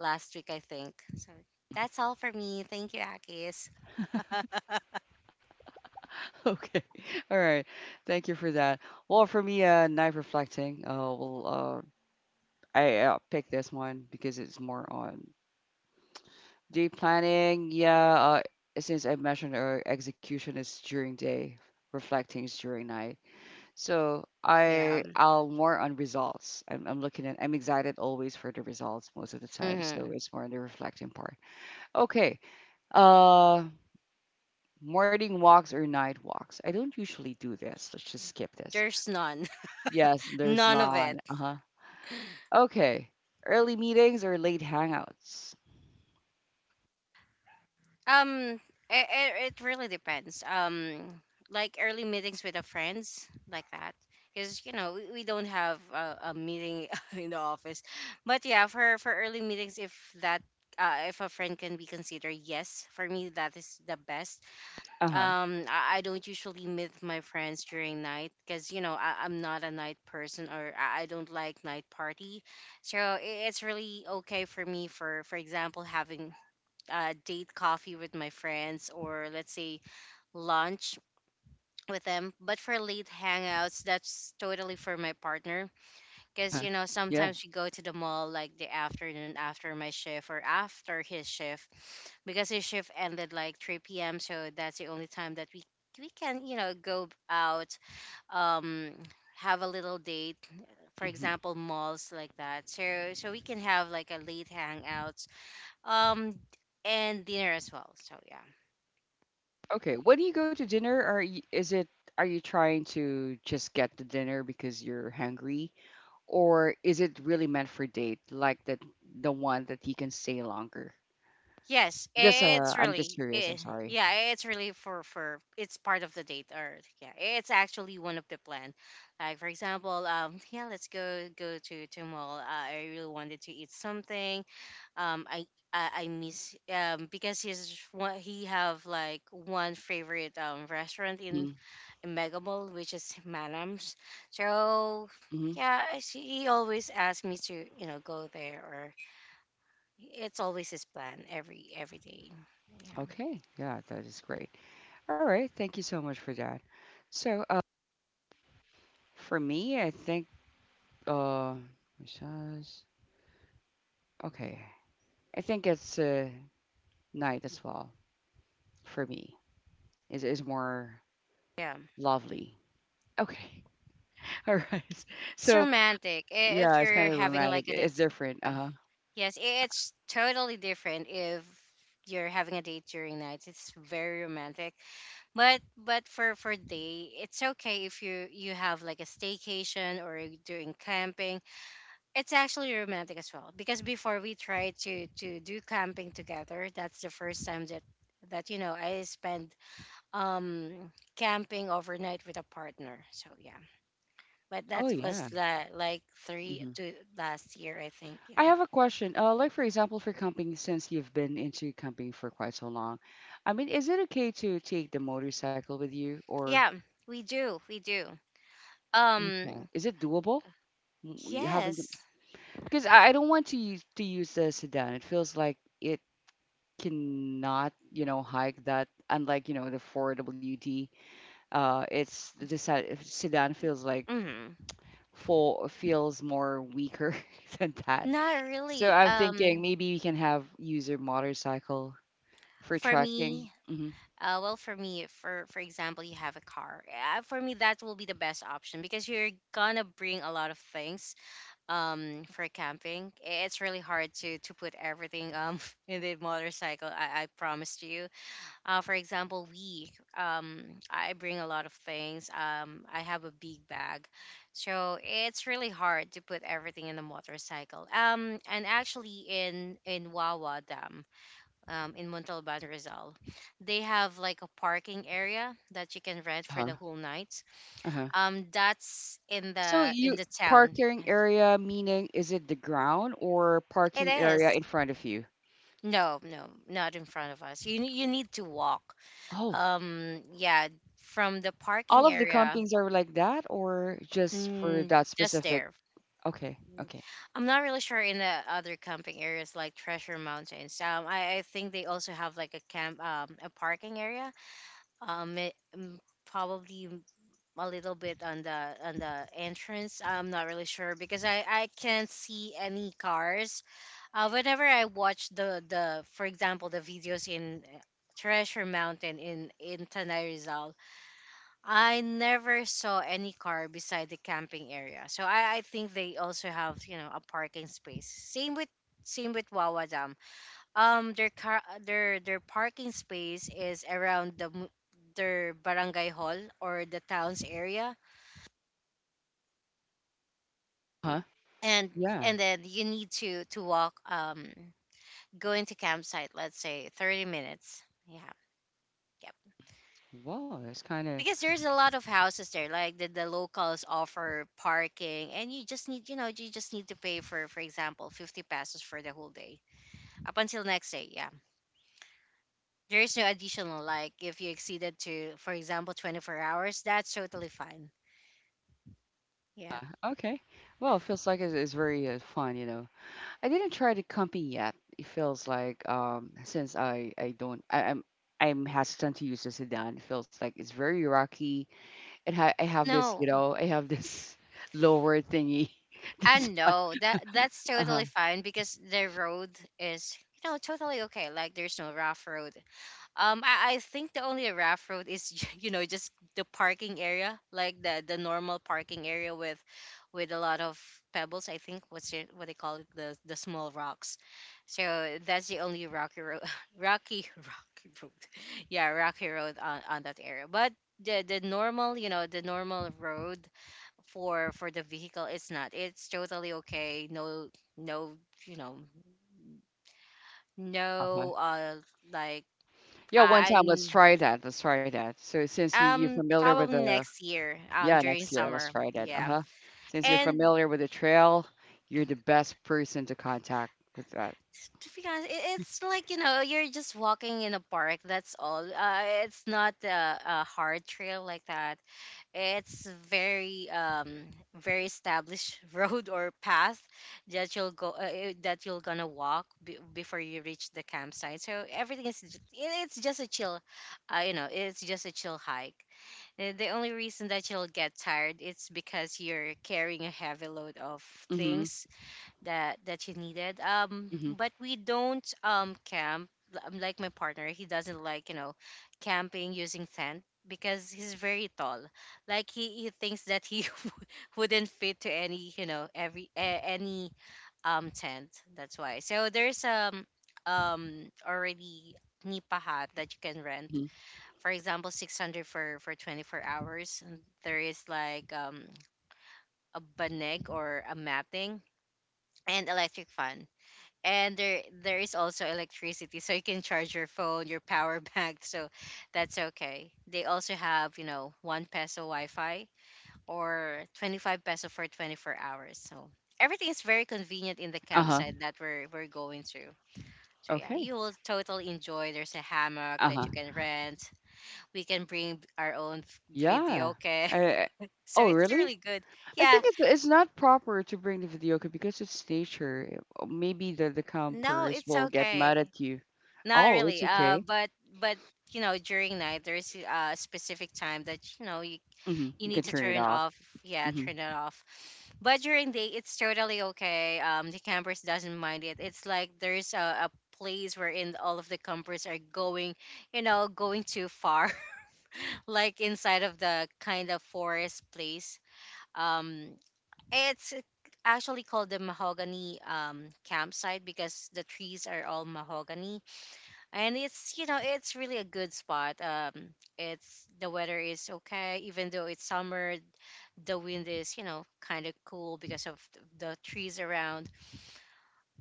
S2: last week, I think. So that's all for me. Thank you, Akis. [laughs]
S1: Okay. [laughs] All right. Thank you for that. Well, for me, uh, night reflecting. Uh, well, uh, I uh, pick this one because it's more on day planning. Yeah. Uh, since I mentioned uh, execution is during day, reflecting is during night. So
S2: Yeah.
S1: I, I'll more on results. I'm, I'm looking at. I'm excited always for the results most of the time. So
S2: Hmm.
S1: it's more on the reflecting part. Okay. Uh, morning walks or night walks. I don't usually do this. Let's just skip this.
S2: There's none.
S1: Yes,
S2: [laughs]
S1: there's
S2: None of
S1: not.
S2: it.
S1: Uh-huh. Okay. Early meetings or late hangouts?
S2: Um, it, it really depends. Um, like early meetings with the friends, like that. Because you know we, we don't have a, a meeting [laughs] in the office, but yeah, for for early meetings, if that uh, if a friend can be considered, yes, for me that is the best.
S1: Uh-huh.
S2: Um, I, I don't usually meet my friends during night because you know I, I'm not a night person, or I, I don't like night party, so i- it's really okay for me for for example having uh, date coffee with my friends, or let's say lunch with them. But for late hangouts, that's totally for my partner because
S1: Uh-huh.
S2: you know
S1: Yeah.
S2: sometimes we go to the mall like the afternoon after my shift or after his shift because his shift ended like three p m. So that's the only time that we we can you know go out, um have a little date, for
S1: hmm
S2: example malls like that, so so we can have like a late hangouts um and dinner as well, so yeah.
S1: Okay. When you go to dinner, are you, is it are you trying to just get the dinner because you're hungry, or is it really meant for date, like that, the one that you can stay longer?
S2: Yes,
S1: Just uh,
S2: it's
S1: I'm just
S2: really,
S1: curious.
S2: eh,
S1: I'm sorry.
S2: yeah, it's really for for it's part of the date, or yeah, it's actually one of the plan. Like for example, um, yeah, let's go go to to mall. Uh, I really wanted to eat something. Um, I I, I miss um because he's one he have like one favorite um restaurant in in Mega Mall, which is Manam's. So
S1: Mm-hmm.
S2: yeah, she, he always asks me to you know go there, or it's always his plan every every day. Yeah.
S1: Okay. Yeah, that is great. All right. Thank you so much for that. So, uh, for me, I think uh, massage. Okay. I think it's uh, night as well for me. Is is more
S2: Yeah.
S1: lovely. Okay. [laughs] All right.
S2: It's
S1: So
S2: romantic i-
S1: yeah,
S2: if
S1: it's
S2: you're
S1: kind of
S2: having
S1: romantic.
S2: like an
S1: It's
S2: ad-
S1: different. Uh
S2: yeah.
S1: huh.
S2: Yes, i- it's totally different if you're having a date during night. It's very romantic. But but for for day, it's okay if you you have like a staycation or you're doing camping. It's actually romantic as well because before we tried to to do camping together, that's the first time that that you know I spent um camping overnight with a partner, so yeah, but
S1: Oh
S2: that was
S1: yeah.
S2: la- like three
S1: hmm
S2: to last year, I think.
S1: I
S2: Yeah.
S1: have a question. Uh, like for example, for camping, since you've been into camping for quite so long, I mean, is it okay to take the motorcycle with you, or
S2: Yeah, we do we do
S1: okay,
S2: um
S1: is it doable? Mm, you haven't,
S2: yes.
S1: because I I don't want to use to use the sedan. It feels like it cannot, you know, hike that. Unlike, you know, the four W D, uh, it's the se- sedan feels like
S2: Mm,
S1: full feels more weaker [laughs] than that.
S2: not
S1: So
S2: really.
S1: I'm thinking
S2: um
S1: maybe we can have user motorcycle for
S2: for
S1: trekking.
S2: me,
S1: Hmm
S2: uh, well, for me, for for example you have a car, uh, for me that will be the best option because you're gonna bring a lot of things. um for camping, it's really hard to to put everything um [laughs] in the motorcycle. I i promised you. uh, for example we um I bring a lot of things. um I have a big bag, so it's really hard to put everything in a motorcycle. um and actually in in Wawa Dam, um in Montalban Rizal, they have like a parking area that you can rent for
S1: Uh-huh.
S2: the whole night.
S1: Uh-huh.
S2: um that's in
S1: So
S2: the in
S1: you
S2: the town.
S1: parking area, meaning is it the ground or
S2: It
S1: parking area
S2: is
S1: in front of you?
S2: no no, not in front of us. you, ne- you need to walk,
S1: Oh,
S2: um yeah, from the
S1: all
S2: parking
S1: of the
S2: area.
S1: campings are like that, or just for
S2: Mm,
S1: that
S2: just
S1: specific?
S2: there.
S1: Okay,
S2: Mm.
S1: okay.
S2: I'm not really sure in the other camping areas like Treasure Mountains. Um, I, I think they also have like a camp, um, a parking area. Um, it, mm, probably m- a little bit on the on the entrance. I'm not really sure because I I can't see any cars. Uh, whenever I watch the the for example the videos in uh, Treasure Mountain in in Tanay Rizal, I never saw any car beside the camping area. So I, I think they also have, you know, a parking space. Same with same with Wawa Dam. Um their car their their parking space is around the mu- their barangay hall or the town's area,
S1: Huh?
S2: and
S1: Yeah.
S2: and then you need to to walk, um going to campsite, let's say thirty minutes. Yeah. Yep.
S1: Wow, it's kind of
S2: Because there's a lot of houses there, like the, the locals offer parking, and you just need you know you just need to pay for for example fifty pesos for the whole day up until next day. Yeah, there is no additional, like if you exceeded to for example twenty-four hours, that's totally fine. Yeah.
S1: uh, okay. Well, it feels like it's, it's very uh, fun, you know. I didn't try the company yet. It feels like um since I I don't I, I'm I'm hesitant to use the sedan. It feels like it's very rocky. It ha I have this, you
S2: No,
S1: know, I have this [laughs] lower thingy. [laughs]
S2: I
S1: This one.
S2: know that that's
S1: Uh-huh.
S2: totally fine because the road is you know totally okay, like there's no rough road. Um, I, I think the only rough road is [laughs] you know just the parking area, like the the normal parking area with with a lot of pebbles. I think what's it, what they call it, the the small rocks. So that's the only rocky road, [laughs] rocky [laughs] rocky road, [laughs] yeah, rocky road on, on that area. But the the normal you know the normal road for for the vehicle is not, it's totally okay. No no You know,
S1: Uh-huh.
S2: no uh like
S1: Yeah, one
S2: I
S1: time let's try that. Let's try that. So since you you're
S2: um,
S1: familiar with
S2: probably
S1: the
S2: next year, um,
S1: yeah,
S2: during
S1: next year let's
S2: summer.
S1: try that.
S2: Yeah.
S1: Uh-huh. Since you're
S2: And
S1: familiar with the trail, you're the best person to contact with that.
S2: to be honest, it, it's like, you know, you're just walking in a park, that's all. Uh, it's not a, a hard trail like that. It's very, um, very established [laughs] road or path that you'll go, uh, eh, that you'll gonna walk b- before you reach the campsite. So everything is, j- it- it's just a chill, uh, you know, it's just a chill hike. Uh, The only reason that you'll get tired it's because you're carrying a heavy load of
S1: Mhm,
S2: things that that you needed. Um,
S1: mhm,
S2: but we don't um camp L- um, like my partner. He doesn't like you know camping using tent because he's very tall. Like he, he thinks that he [laughs] wouldn't fit to any you know every a, any um tent. That's why. So there's um um already nipa hut that you can rent
S1: mhm.
S2: for example six hundred for for twenty-four hours, and there is like um a banig or a matting and electric fan, and there there is also electricity so you can charge your phone, your power [laughs] bank. So that's okay, they also have you know one peso wi-fi or twenty-five peso for twenty-four hours, so everything is very convenient in the
S1: Uh-huh,
S2: campsite that we're we're going to. So yeah,
S1: okay.
S2: you will totally enjoy. There's a hammock that
S1: Uh-huh.
S2: you can rent. We can bring our own f-
S1: Yeah.
S2: video, okay.
S1: I
S2: [laughs] So
S1: Oh,
S2: it's really
S1: really?
S2: good.
S1: I
S2: Yeah.
S1: think it's it's not proper to bring the videoke because it's nature. Uh, Maybe the the
S2: No,
S1: campers
S2: it's
S1: will get mad
S2: okay.
S1: at you.
S2: Not
S1: Oh, it's
S2: really, uh
S1: okay.
S2: but but you know during night there's a specific time that you know you,
S1: hmm
S2: you
S1: You can
S2: need to
S1: turn it
S2: turn
S1: off.
S2: off. Yeah,
S1: Hmm
S2: turn it off. But during day it's totally okay. um the campers doesn't mind it. It's like there's a, a place wherein all of the campers are going, you know, going too far, [laughs] like inside of the kind of forest place. um It's actually called the mahogany um, campsite because the trees are all mahogany, and it's you know it's really a good spot. Um, it's the weather is okay, even though it's summer. The wind is you know kind of cool because of th- the trees around.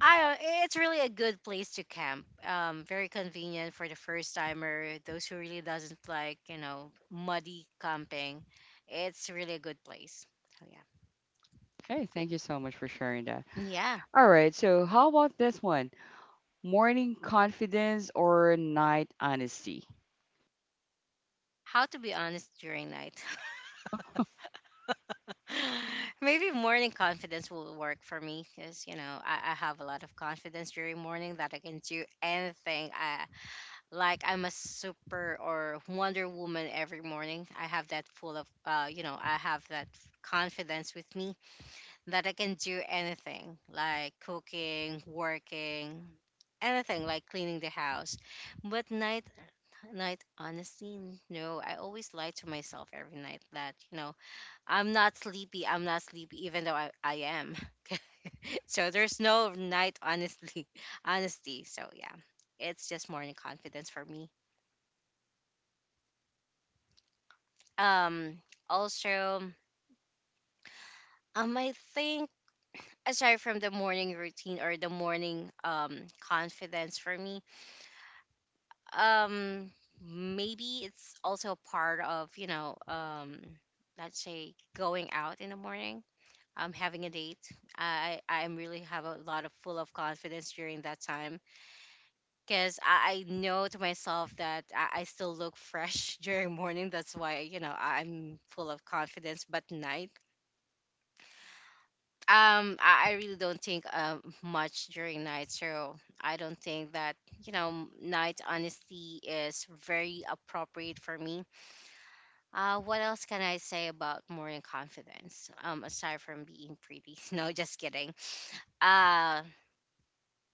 S2: I it's really a good place to camp. Um, very convenient for the first timer, those who really doesn't like you know muddy camping. It's really a good place. So yeah.
S1: Okay, thank you so much for sharing that.
S2: Yeah,
S1: All right, so how about this one? Morning confidence or night honesty?
S2: how to be honest during night. [laughs] Maybe morning confidence will work for me because you know I, I have a lot of confidence during morning that I can do anything. I, like, I'm a super or Wonder Woman every morning. I have that full of uh you know I have that confidence with me that I can do anything, like cooking, working, anything like cleaning the house. But night, night, honestly, no, I always lie to myself every night that you know I'm not sleepy. I'm not sleepy, even though I, I am. [laughs] So there's no night, honestly. [laughs] Honesty. So yeah, it's just morning confidence for me. Um, also, um, I think aside from the morning routine or the morning um confidence for me, um, maybe it's also part of you know um, let's say going out in the morning, um, having a date. I I'm really have a lot of full of confidence during that time because I, I know to myself that I, I still look fresh [laughs] during morning. That's why you know I- I'm full of confidence. But night, um, I, I really don't think um much during night. So I don't think that you know night honesty is very appropriate for me. Uh, what else can I say about morning confidence? Um, aside from being pretty, [laughs] no, just kidding. Uh,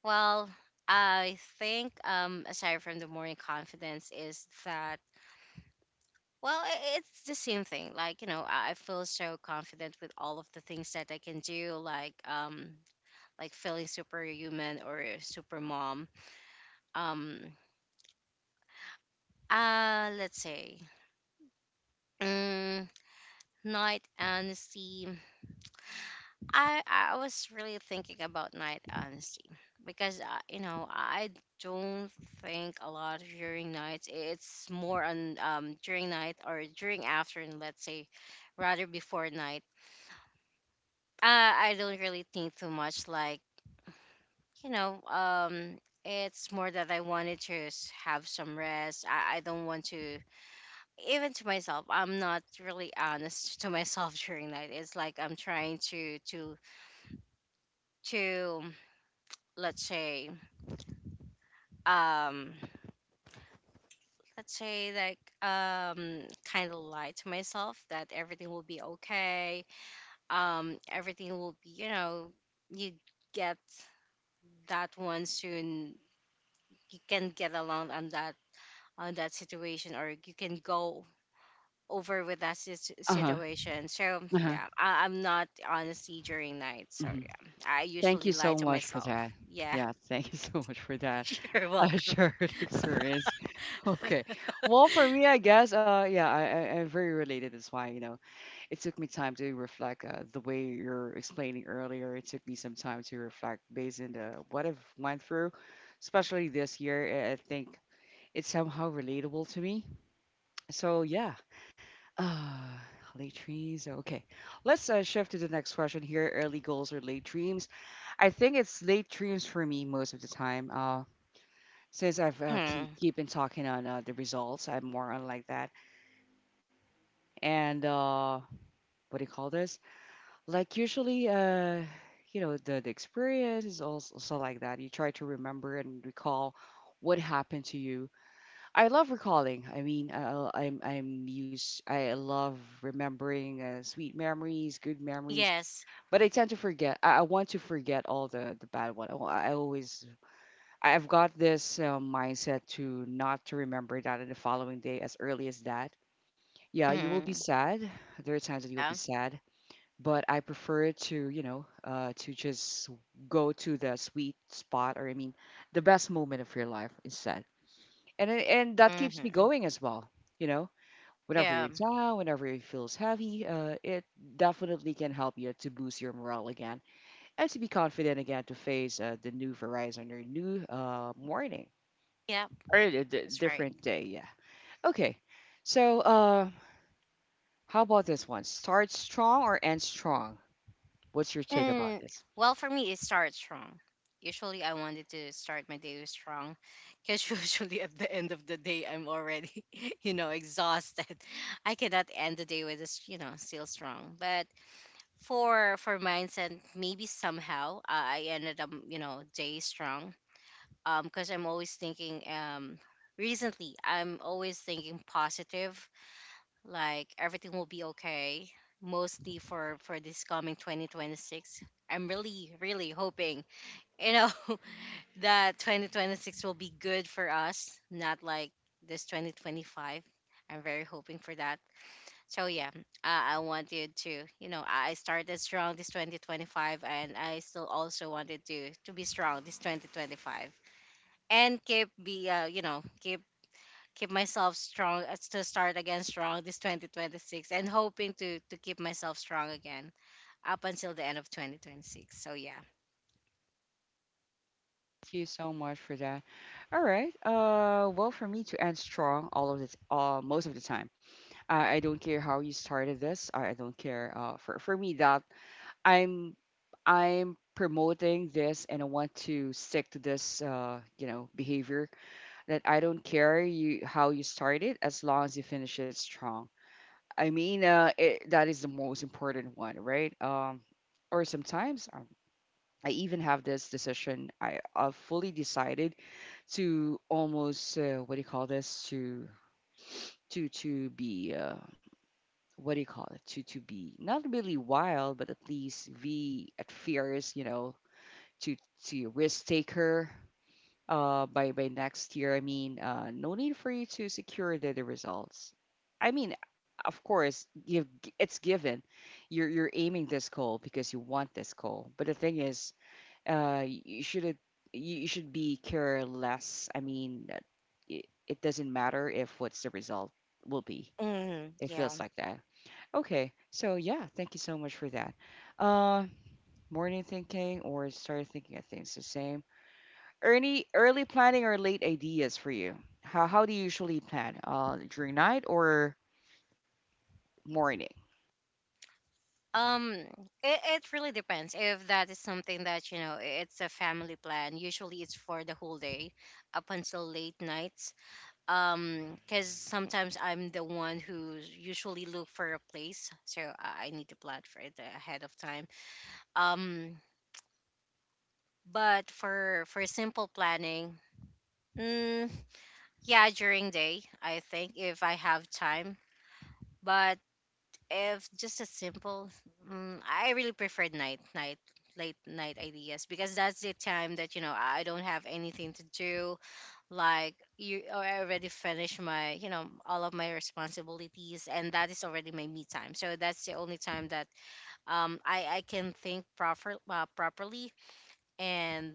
S2: Well, I think um aside from the morning confidence is that, well, i- it's the same thing. Like, you know, I I feel so confident with all of the things that I can do, like um like feeling superhuman or super mom. Um uh let's say um night honesty. I I was really thinking about night honesty because uh, you know I don't think a lot during nights. It's more on um during night or during afternoon, let's say, rather before night. Uh, I don't really think too much. Like you know um. It's more that I wanted to s- have some rest. I, I don't want to, even to myself. I'm not really honest to myself [laughs] during night. It's like I'm trying to to to let's say um let's say like um kind of lie to myself that everything will be okay, um everything will be you know you get that one soon, you can get along on that on that situation, or you can go over with that sit-
S1: Uh-huh.
S2: situation. So
S1: Uh-huh.
S2: yeah, I- I'm not honestly during night, so
S1: hmm
S2: yeah, I
S1: Thank
S2: usually
S1: you
S2: lie
S1: so
S2: to
S1: much for
S2: myself.
S1: that.
S2: Yeah.
S1: Yeah, thank you [laughs] so much for that.
S2: [laughs] You're
S1: A
S2: welcome.
S1: shared [laughs] experience. Okay. Well, for me, I guess, uh, yeah, I, I, I'm very related. That's why, you know, it took me time to reflect uh, the way you're explaining earlier. It took me some time to reflect based on the, what I've went through, especially this year. I I think it's somehow relatable to me. So, yeah. Uh, Late dreams. Okay. Let's uh, shift to the next question here. Early goals or late dreams? I think it's late dreams for me most of the time. Uh since I've uh, keep
S2: Mhm.
S1: keep been talking on uh, the results, I'm more on like that. And uh, what do you call this? Like usually, uh, you know, the the experience is also, also like that. You try to remember and recall what happened to you. I love recalling. I mean, I, I'm I'm used. I love remembering uh, sweet memories, good memories.
S2: Yes.
S1: But I tend to forget. I, I want to forget all the the bad one. I, wa- I always I've got this uh, mindset to not to remember that in the following day as early as that. Yeah, you will be
S2: Mm.
S1: sad. There are times that you will be
S2: Yeah.
S1: sad, but I prefer to, you know, uh, to just go to the sweet spot or I mean, the best moment of your life instead. And it- and that keeps me
S2: Hmm.
S1: going as well, you know. Whenever you're
S2: Yeah.
S1: down, whenever it feels heavy, uh, it definitely can help you to boost your morale again and to be confident again to face uh, the new horizon or new uh, morning
S2: Yeah,
S1: or a d-
S2: that's right.
S1: different day. Yeah. Okay. So, uh, how about this one? Start strong or end strong? What's your take about
S2: And
S1: this?
S2: well, for me, it starts strong. Usually, I wanted to start my day with strong because [laughs] usually at the end of the day, I'm already, [laughs] you know, exhausted. I cannot end the day with this, you know, still strong. But for for mindset, maybe somehow I I ended up, you know, day strong. Um, because I'm always thinking. Um, recently, I'm always thinking positive, like everything will be okay, mostly for for this coming twenty twenty-six. I'm really really hoping, you know [laughs] that twenty twenty-six will be good for us, not like this twenty twenty-five. I'm very hoping for that. So yeah, i, I wanted to you know i I started strong this twenty twenty-five, and I still also wanted to to be strong this twenty twenty-five, and keep be uh, you know keep keep myself strong uh, to start again strong this twenty twenty-six, and hoping to to keep myself strong again up until the end of twenty twenty-six. So yeah.
S1: Thank you so much for that. All right. Uh, well, for me to end strong, all of it, uh, most of the time, I, I don't care how you started this. I, I don't care. Uh, for for me, that I'm I'm promoting this and I want to stick to this, uh, you know, behavior that I don't care you how you started as long as you finish it strong. I mean, uh, it, that is the most important one, right? Um, or sometimes um, I even have this decision. I, I've fully decided to almost uh, what do you call this to to to be uh, what do you call it to to be not really wild, but at least be at fierce, you know, to to risk taker uh, by by next year. I mean, uh, no need for you to secure the, the results. I mean, of course, give it's given. You're you're aiming this goal because you want this goal. But the thing is, uh, you should you should be care less. I mean, uh, it, it doesn't matter if what's the result will be.
S2: Mm,
S1: It feels
S2: yeah.
S1: like that. Okay, so yeah, thank you so much for that. Uh, Morning thinking or start thinking of things the same. Early early planning or late ideas for you? How how do you usually plan? Uh, during night or morning?
S2: um it, it really depends. If that is something that you know i- it's a family plan, usually it's for the whole day up until late nights. um because sometimes I'm the one who usually look for a place, so i I need to plan for it ahead of time. um but for for simple planning. Mm, yeah, during day, I think if I have time. But if just a simple, mm, I really prefer night, night, late night ideas because that's the time that you know I don't have anything to do. Like you, I already finished my, you know, all of my responsibilities, and that is already my me time. So that's the only time that um I I can think proper uh, properly, and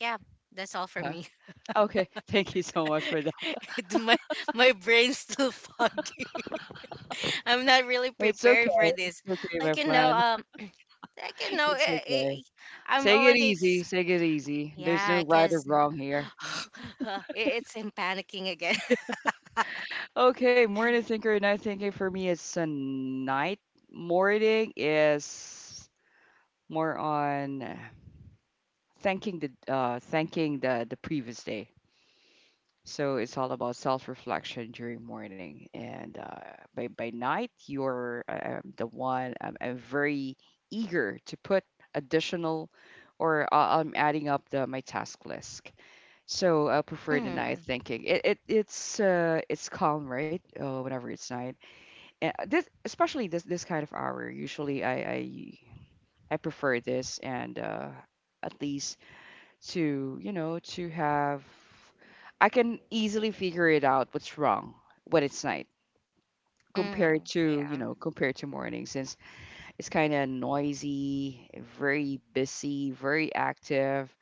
S2: yeah, that's all for
S1: Uh,
S2: me.
S1: Okay, [laughs] thank you so much for that.
S2: [laughs] My my brain's still [laughs] foggy. I'm not really
S1: It's okay.
S2: prepared for this.
S1: It's okay, my
S2: Like, you know,
S1: friend.
S2: um, like, you know,
S1: It's
S2: eh, eh,
S1: okay.
S2: I'm
S1: Take it
S2: already
S1: easy.
S2: ex-,
S1: Take it easy. There's
S2: yeah,
S1: no right or
S2: cause
S1: wrong here.
S2: [sighs] it- it's in panicking again. [laughs]
S1: Okay, morning thinker and night thinker. For me is a night. Morning is more on uh, thanking the uh thanking the the previous day. So it's all about self-reflection during morning, and uh, by by night, you're uh, um, the one. I'm, I'm very eager to put additional, or uh, I'm adding up the my task list. So I prefer the night
S2: Mm,
S1: thinking. It, it it's uh it's calm, right? Uh whenever it's night. And uh, this especially this this kind of hour. Usually I I I prefer this, and uh, at least to, you know, to have I can easily figure it out what's wrong when it's night compared
S2: mm,
S1: to, you
S2: yeah,
S1: know, compared to morning since it's kind of noisy, very busy, very active.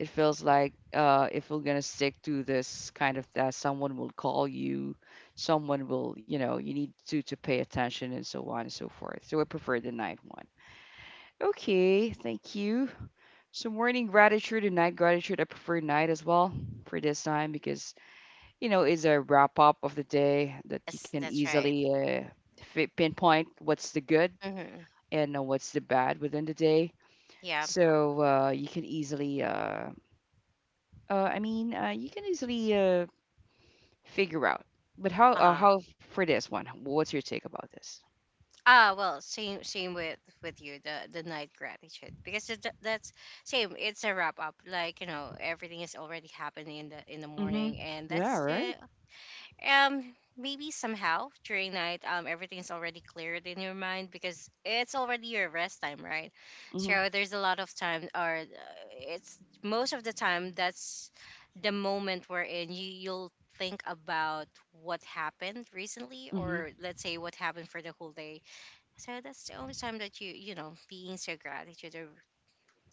S1: It feels like uh, if we're gonna stick to this kind of that someone will call you, someone will, you know, you need to to pay attention and so on and so forth. So I prefer the night one. Okay, thank you so morning gratitude and night gratitude, I prefer night as well for this time because you know it's a wrap up of the day that you
S2: that's
S1: can
S2: that's right.
S1: easily uh, fi- pinpoint what's the good
S2: Hmm.
S1: and uh, what's the bad within the day.
S2: Yeah.
S1: So uh, you can easily, uh, uh, I mean, uh, you can easily uh, figure out. But how
S2: Uh
S1: uh,
S2: huh.
S1: how for this one? What's your take about this?
S2: Ah, well, same same with with you, the the night gratitude, because it, that's same. It's a wrap up. Like, you know, everything is already happening in the in the
S1: Mm-hmm.
S2: morning, and
S1: Yeah.
S2: that's
S1: Right.
S2: the— Um, maybe somehow during night, um, everything's already cleared in your mind because it's already your rest time, right?
S1: Mm-hmm.
S2: So there's a lot of time, or uh, it's most of the time that's the moment we're in. You you'll think about what happened recently,
S1: Mm-hmm.
S2: or let's say what happened for the whole day. So that's the only time that you you know being so gratitude or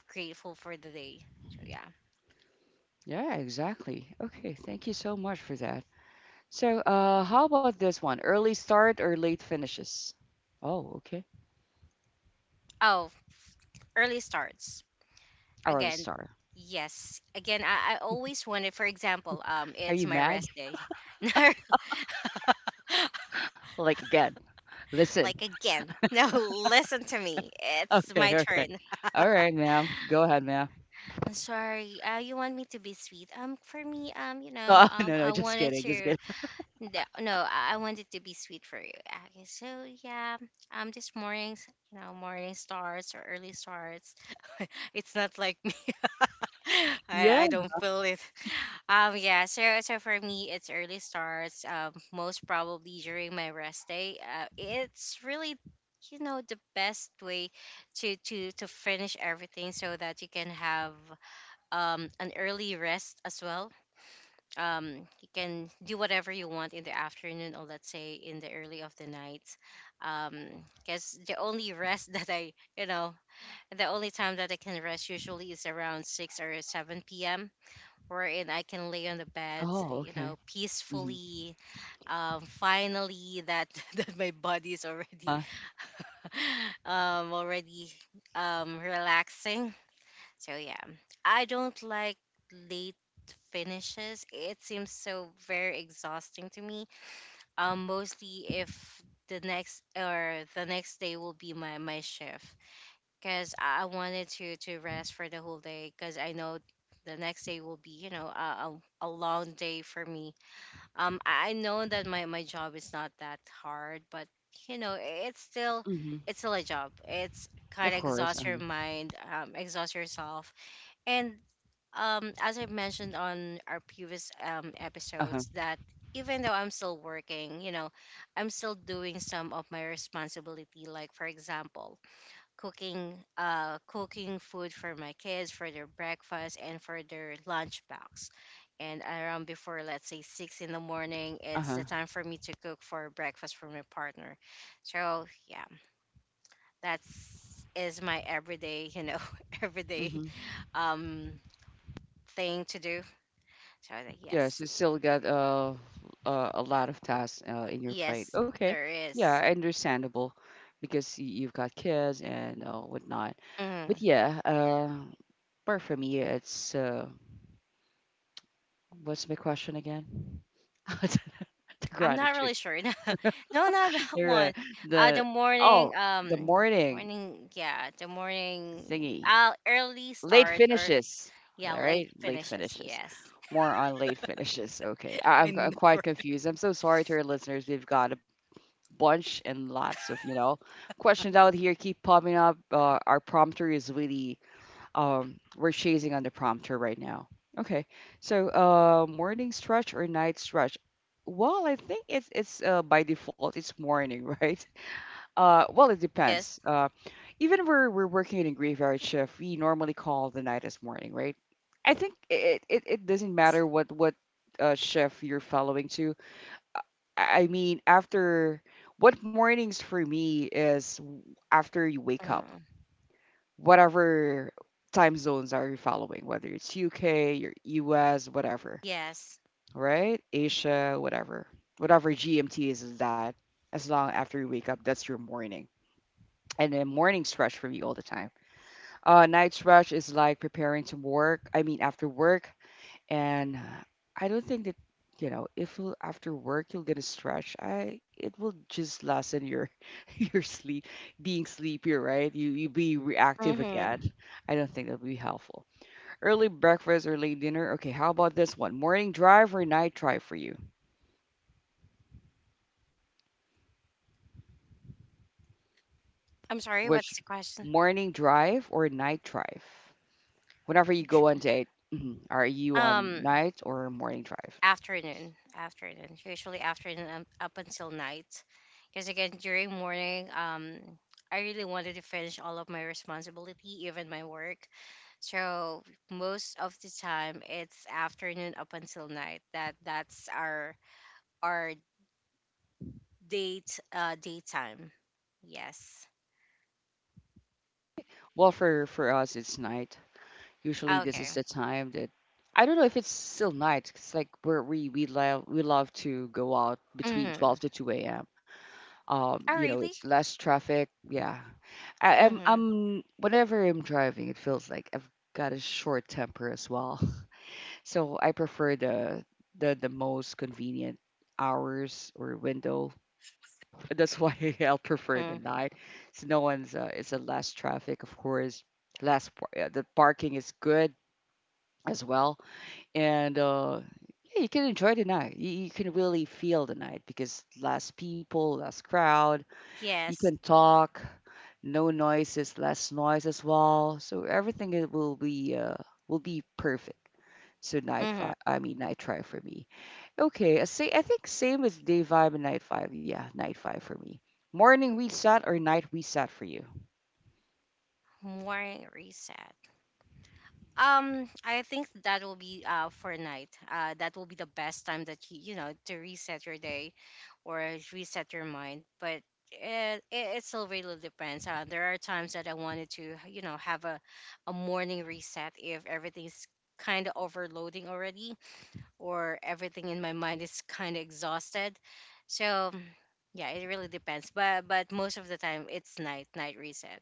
S2: grateful for the day. So yeah.
S1: Yeah. Exactly. Okay. Thank you so much for that. So, uh, how about this one? Early start or late finishes? Oh, okay.
S2: Oh, early starts.
S1: Early
S2: Again,
S1: start.
S2: yes, again I, I always wanted. For example, um
S1: Are
S2: it's
S1: you
S2: my
S1: mad?
S2: rest day.
S1: [laughs]
S2: [laughs] No,
S1: Like again? Listen.
S2: like
S1: [laughs]
S2: again, no. [laughs] Listen to me, it's
S1: Okay,
S2: my
S1: okay.
S2: turn.
S1: All right, ma'am. Go ahead, ma'am.
S2: I'm sorry, uh you want me to be sweet, um for me, um you know
S1: Oh, [laughs]
S2: um
S1: no, no,
S2: I
S1: just
S2: wanted
S1: kidding, just
S2: to—
S1: kidding.
S2: no, no, i I wanted to be sweet for you. Okay, so yeah. Um this mornings, you know morning starts or early starts. [laughs] It's not like me. [laughs]
S1: [laughs]
S2: I,
S1: Yeah.
S2: I don't feel it. [laughs] Um yeah, so so for me it's early starts, um most probably during my rest day. Uh, it's really, you know the best way to to to finish everything, so that you can have um an early rest as well. Um you can do whatever you want in the afternoon, or let's say in the early of the night. Um cuz the only rest [laughs] that I, you know, the only time that I can rest usually is around six or seven p.m., wherein I can lay on the bed,
S1: Oh,
S2: you
S1: okay.
S2: know,
S1: Mm-hmm.
S2: peacefully. Um, finally, that [laughs] that my body's already,
S1: Uh,
S2: [laughs] um, already, um, relaxing. So yeah, I don't like late finishes. It seems so very exhausting to me. Um, mostly if the next or the next day will be my my shift, because I I wanted to to rest for the whole day, because I know the next day will be, you know a, a, a long day for me. Um, I I know that my my job is not that hard, but, you know i- it's still
S1: mm-hmm.
S2: it's still a job. It's kind
S1: Of
S2: of
S1: course.
S2: exhaust your
S1: Uh-huh.
S2: mind, um, exhaust yourself, and, um, as I mentioned on our previous um
S1: Uh-huh.
S2: episodes that. Even though I'm still working, you know, I'm still doing some of my responsibility. Like for example, cooking uh cooking food for my kids for their breakfast and for their lunchbox, and around before, let's say, six in the morning, it's
S1: Uh-huh.
S2: the time for me to cook for breakfast for my partner. So yeah, that's is my everyday, you know [laughs] everyday
S1: Mm-hmm.
S2: um thing to do. So
S1: Yes,
S2: yes,
S1: you still got uh, uh, a lot of tasks uh, in your plate.
S2: yes,
S1: Okay.
S2: there
S1: Yeah,
S2: is.
S1: understandable because y- you've got kids and uh, whatnot. But
S2: Mhm.
S1: yeah, uh, but for me, it's uh, what's my question again? [laughs] the the
S2: I'm not
S1: gratitude.
S2: really sure. [laughs] No, not that
S1: You're, uh,
S2: one. Uh,
S1: the
S2: the
S1: Oh,
S2: morning,
S1: the
S2: um,
S1: morning
S2: morning, yeah, the morning,
S1: thingy.
S2: uh, early
S1: Late
S2: start or—
S1: finishes.
S2: yeah,
S1: All
S2: late
S1: right, late
S2: finishes.
S1: finishes.
S2: Yes.
S1: More on late finishes. Okay,
S2: [laughs]
S1: I,
S2: I
S1: I'm, I'm
S2: know,
S1: quite
S2: right?
S1: confused. I'm so sorry to our listeners. We've got a bunch and lots of you know questions out here keep popping up. Uh, our prompter is really Um, we're chasing on the prompter right now. Okay, so uh, morning stretch or night stretch? Well, I think it's it's uh, by default it's morning, [laughs] right? Uh, well, it
S2: Yes,
S1: depends. Uh, even we're we're working in a graveyard shift, we normally call the night as morning, right? I think it it, it doesn't matter what what uh, shift you're following to. I I mean, after what mornings for me is w- after you wake up
S2: mm,
S1: whatever time zones are you following, whether it's U K, your U S, whatever,
S2: yes.
S1: right? Asia, whatever. Whatever G M T is, is that as long after you wake up, that's your morning. And then morning stretch for me all the time. Uh, night stretch is like preparing to work. I mean, after work, and uh, I don't think that you know if you'll, after work you're gonna stretch. I It will just lessen your [laughs] your sleep, being sleepy, right? You you be reactive
S2: Mm-hmm.
S1: again. I don't think that'll be helpful. Early breakfast or late dinner. Okay, how about this one? Morning drive or night drive for you?
S2: I'm sorry,
S1: Which
S2: what's the question?
S1: morning drive or night drive? Whenever you go on
S2: [laughs]
S1: date, [clears throat] mhm, are you on
S2: Um,
S1: night or morning drive?
S2: afternoon afternoon usually afternoon, um, up until night, because again during morning, um I really wanted to finish all of my responsibility, even my work. So most of the time it's afternoon up until night, that that's our our date, uh daytime. Yes.
S1: Well, for for us it's night. Usually, this is
S2: Okay.
S1: the time that I don't know if it's still night. It's like where we we love we love to go out
S2: Mm.
S1: between twelve to two a m.
S2: Oh,
S1: Um, you
S2: really?
S1: know, it's less traffic. Yeah, I,
S2: Mm-hmm.
S1: I'm I'm whenever I'm driving, it feels like I've got a short temper as well. [laughs] So I prefer the the the most convenient hours or window. That's why [laughs] I'll
S2: Mm.
S1: prefer the night. So no one's uh, it's a less traffic, of course. Less par- uh, the parking is good as well and uh, yeah, you can enjoy the night. You, you can really feel the night because less people, less crowd. You can
S2: Yes.
S1: talk, no noises, less noise as well. So everything it will be uh, will be perfect. So night five,
S2: Mm-hmm.
S1: I mean night drive for me. Okay, I say I think same as day five and night five. Yeah, night five for me. Morning reset or night reset for you?
S2: Morning reset. Um, I think that will be uh for night. Uh, that will be the best time that you you know to reset your day, or reset your mind. But it it, it still really depends. Uh, there are times that I wanted to, you know have a a morning reset, if everything's kind of overloading already, or everything in my mind is kind of exhausted. So yeah, it really depends. But but most of the time it's night night reset.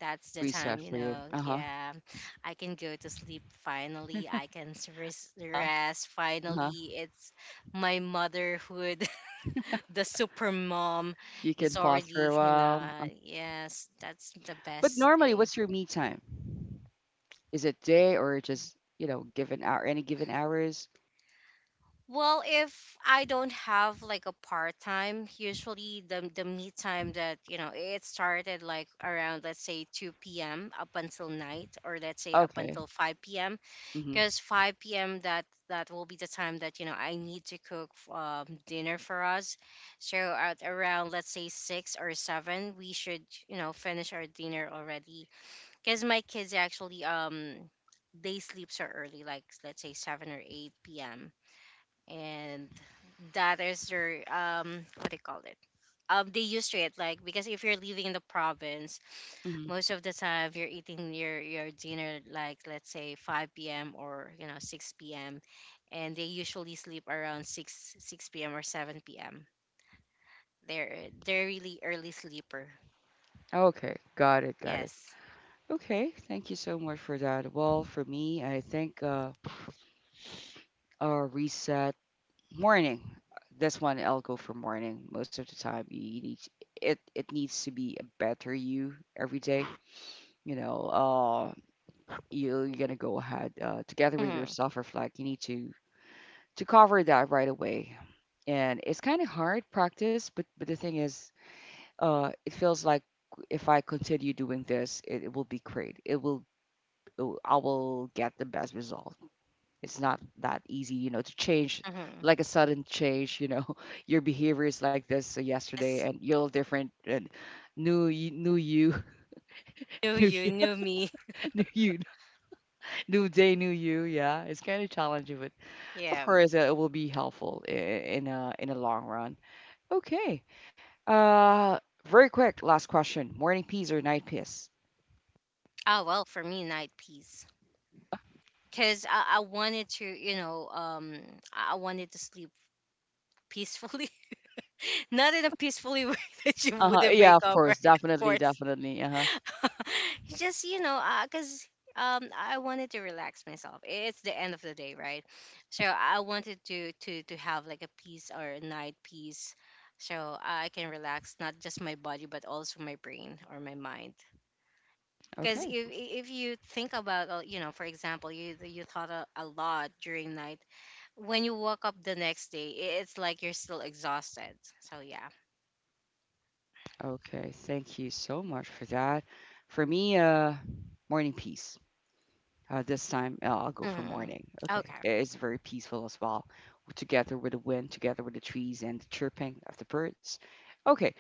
S2: that's the
S1: Reset
S2: time, you
S1: for you.
S2: know.
S1: Uh huh.
S2: Yeah, I can go to sleep finally. I can s- res-
S1: Uh
S2: rest
S1: huh.
S2: finally. It's my motherhood. [laughs] The super mom
S1: You can
S2: is
S1: pause for a
S2: already, you
S1: while. Uh,
S2: know, yes, that's the
S1: But
S2: best
S1: normally,
S2: day.
S1: what's your me time? Is it day or just, you know, given hour, any given hours?
S2: Well, if I don't have like a part time, usually the the me time that, you know it started like, around, let's say, two p m up until night, or let's say up
S1: Okay.
S2: until five p m,
S1: Mm-hmm.
S2: because five p m, that that will be the time that, you know I need to cook, um, dinner for us. So at around, let's say, six or seven, we should, you know finish our dinner already. Because my kids actually, um they sleep so early, like, let's say, seven or eight p m, and that is their, um what do you call it? Um, they used to it, like, because if you're living in the province,
S1: Mm-hmm.
S2: most of the time, if you're eating your your dinner like, let's say, five p.m. or, you know six p.m., and they usually sleep around 6 6 p.m. or seven p.m. They're, they're really early sleeper.
S1: Okay. Got it. Got it.
S2: Yes.
S1: Okay. Thank you so much for that. Well, for me, I think uh, uh reset morning. This one I'll go for morning. Most of the time, you need it. It needs to be a better you every day. You know, uh, you're gonna go ahead uh, together with your
S2: Mm-hmm.
S1: self-reflect. You need to to cover that right away and it's kind of hard practice but but the thing is uh, it feels like if I continue doing this, it, it will be great. It will, it will- I will get the best result. It's not that easy, you know, to change
S2: Mm-hmm.
S1: like a sudden change. You know, [laughs] your behavior is like this so yesterday,
S2: Yes.
S1: and you're different, and new, y- new you,
S2: Knew
S1: [laughs] new,
S2: you
S1: y-
S2: knew me.
S1: [laughs] new you, new day, new you. Yeah, it's kind of challenging, but
S2: [laughs]
S1: of
S2: Yeah.
S1: course, uh, it will be helpful i- in a in a long run. Okay, uh, very quick last question: morning peas or night peas?
S2: Oh, well, for me, night peace, because I, I wanted to, you know um i I wanted to sleep peacefully. [laughs] Not in a peacefully way [laughs] that you
S1: Uh-huh.
S2: wouldn't
S1: Yeah,
S2: wake
S1: of
S2: up, [laughs]
S1: course.
S2: right, of
S1: Definitely,
S2: course.
S1: definitely. Uh-huh.
S2: [laughs] Just, you know because um I wanted to relax myself. It's the end of the day, right? So I wanted to to to have like a peace, or a night peace, so I can relax, not just my body but also my brain or my mind. Because
S1: Okay.
S2: if if you think about, uh, you know for example, you you thought a, a lot during night. When you woke up the next day, i- it's like you're still exhausted. So yeah.
S1: Okay. Thank you so much for that. For me, uh morning peace. Uh, this time uh, I'll go for
S2: Hmm.
S1: morning. Okay,
S2: Okay.
S1: it's very peaceful as well, together with the wind, together with the trees and the chirping of the birds. Okay,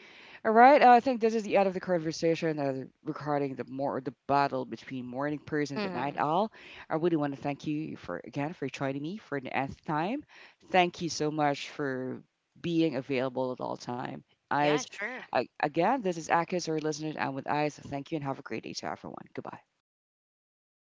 S1: all right. I think this is the end of the conversation uh, regarding the more the battle between morning person and the night
S2: Hmm.
S1: owl. I really want to thank you for again for joining me for the nth time. Thank you so much for being available at all time. Eyes,
S2: Yeah, sure.
S1: I, again, this is Akis or listeners, and with eyes, thank you and have a great day to everyone. Goodbye.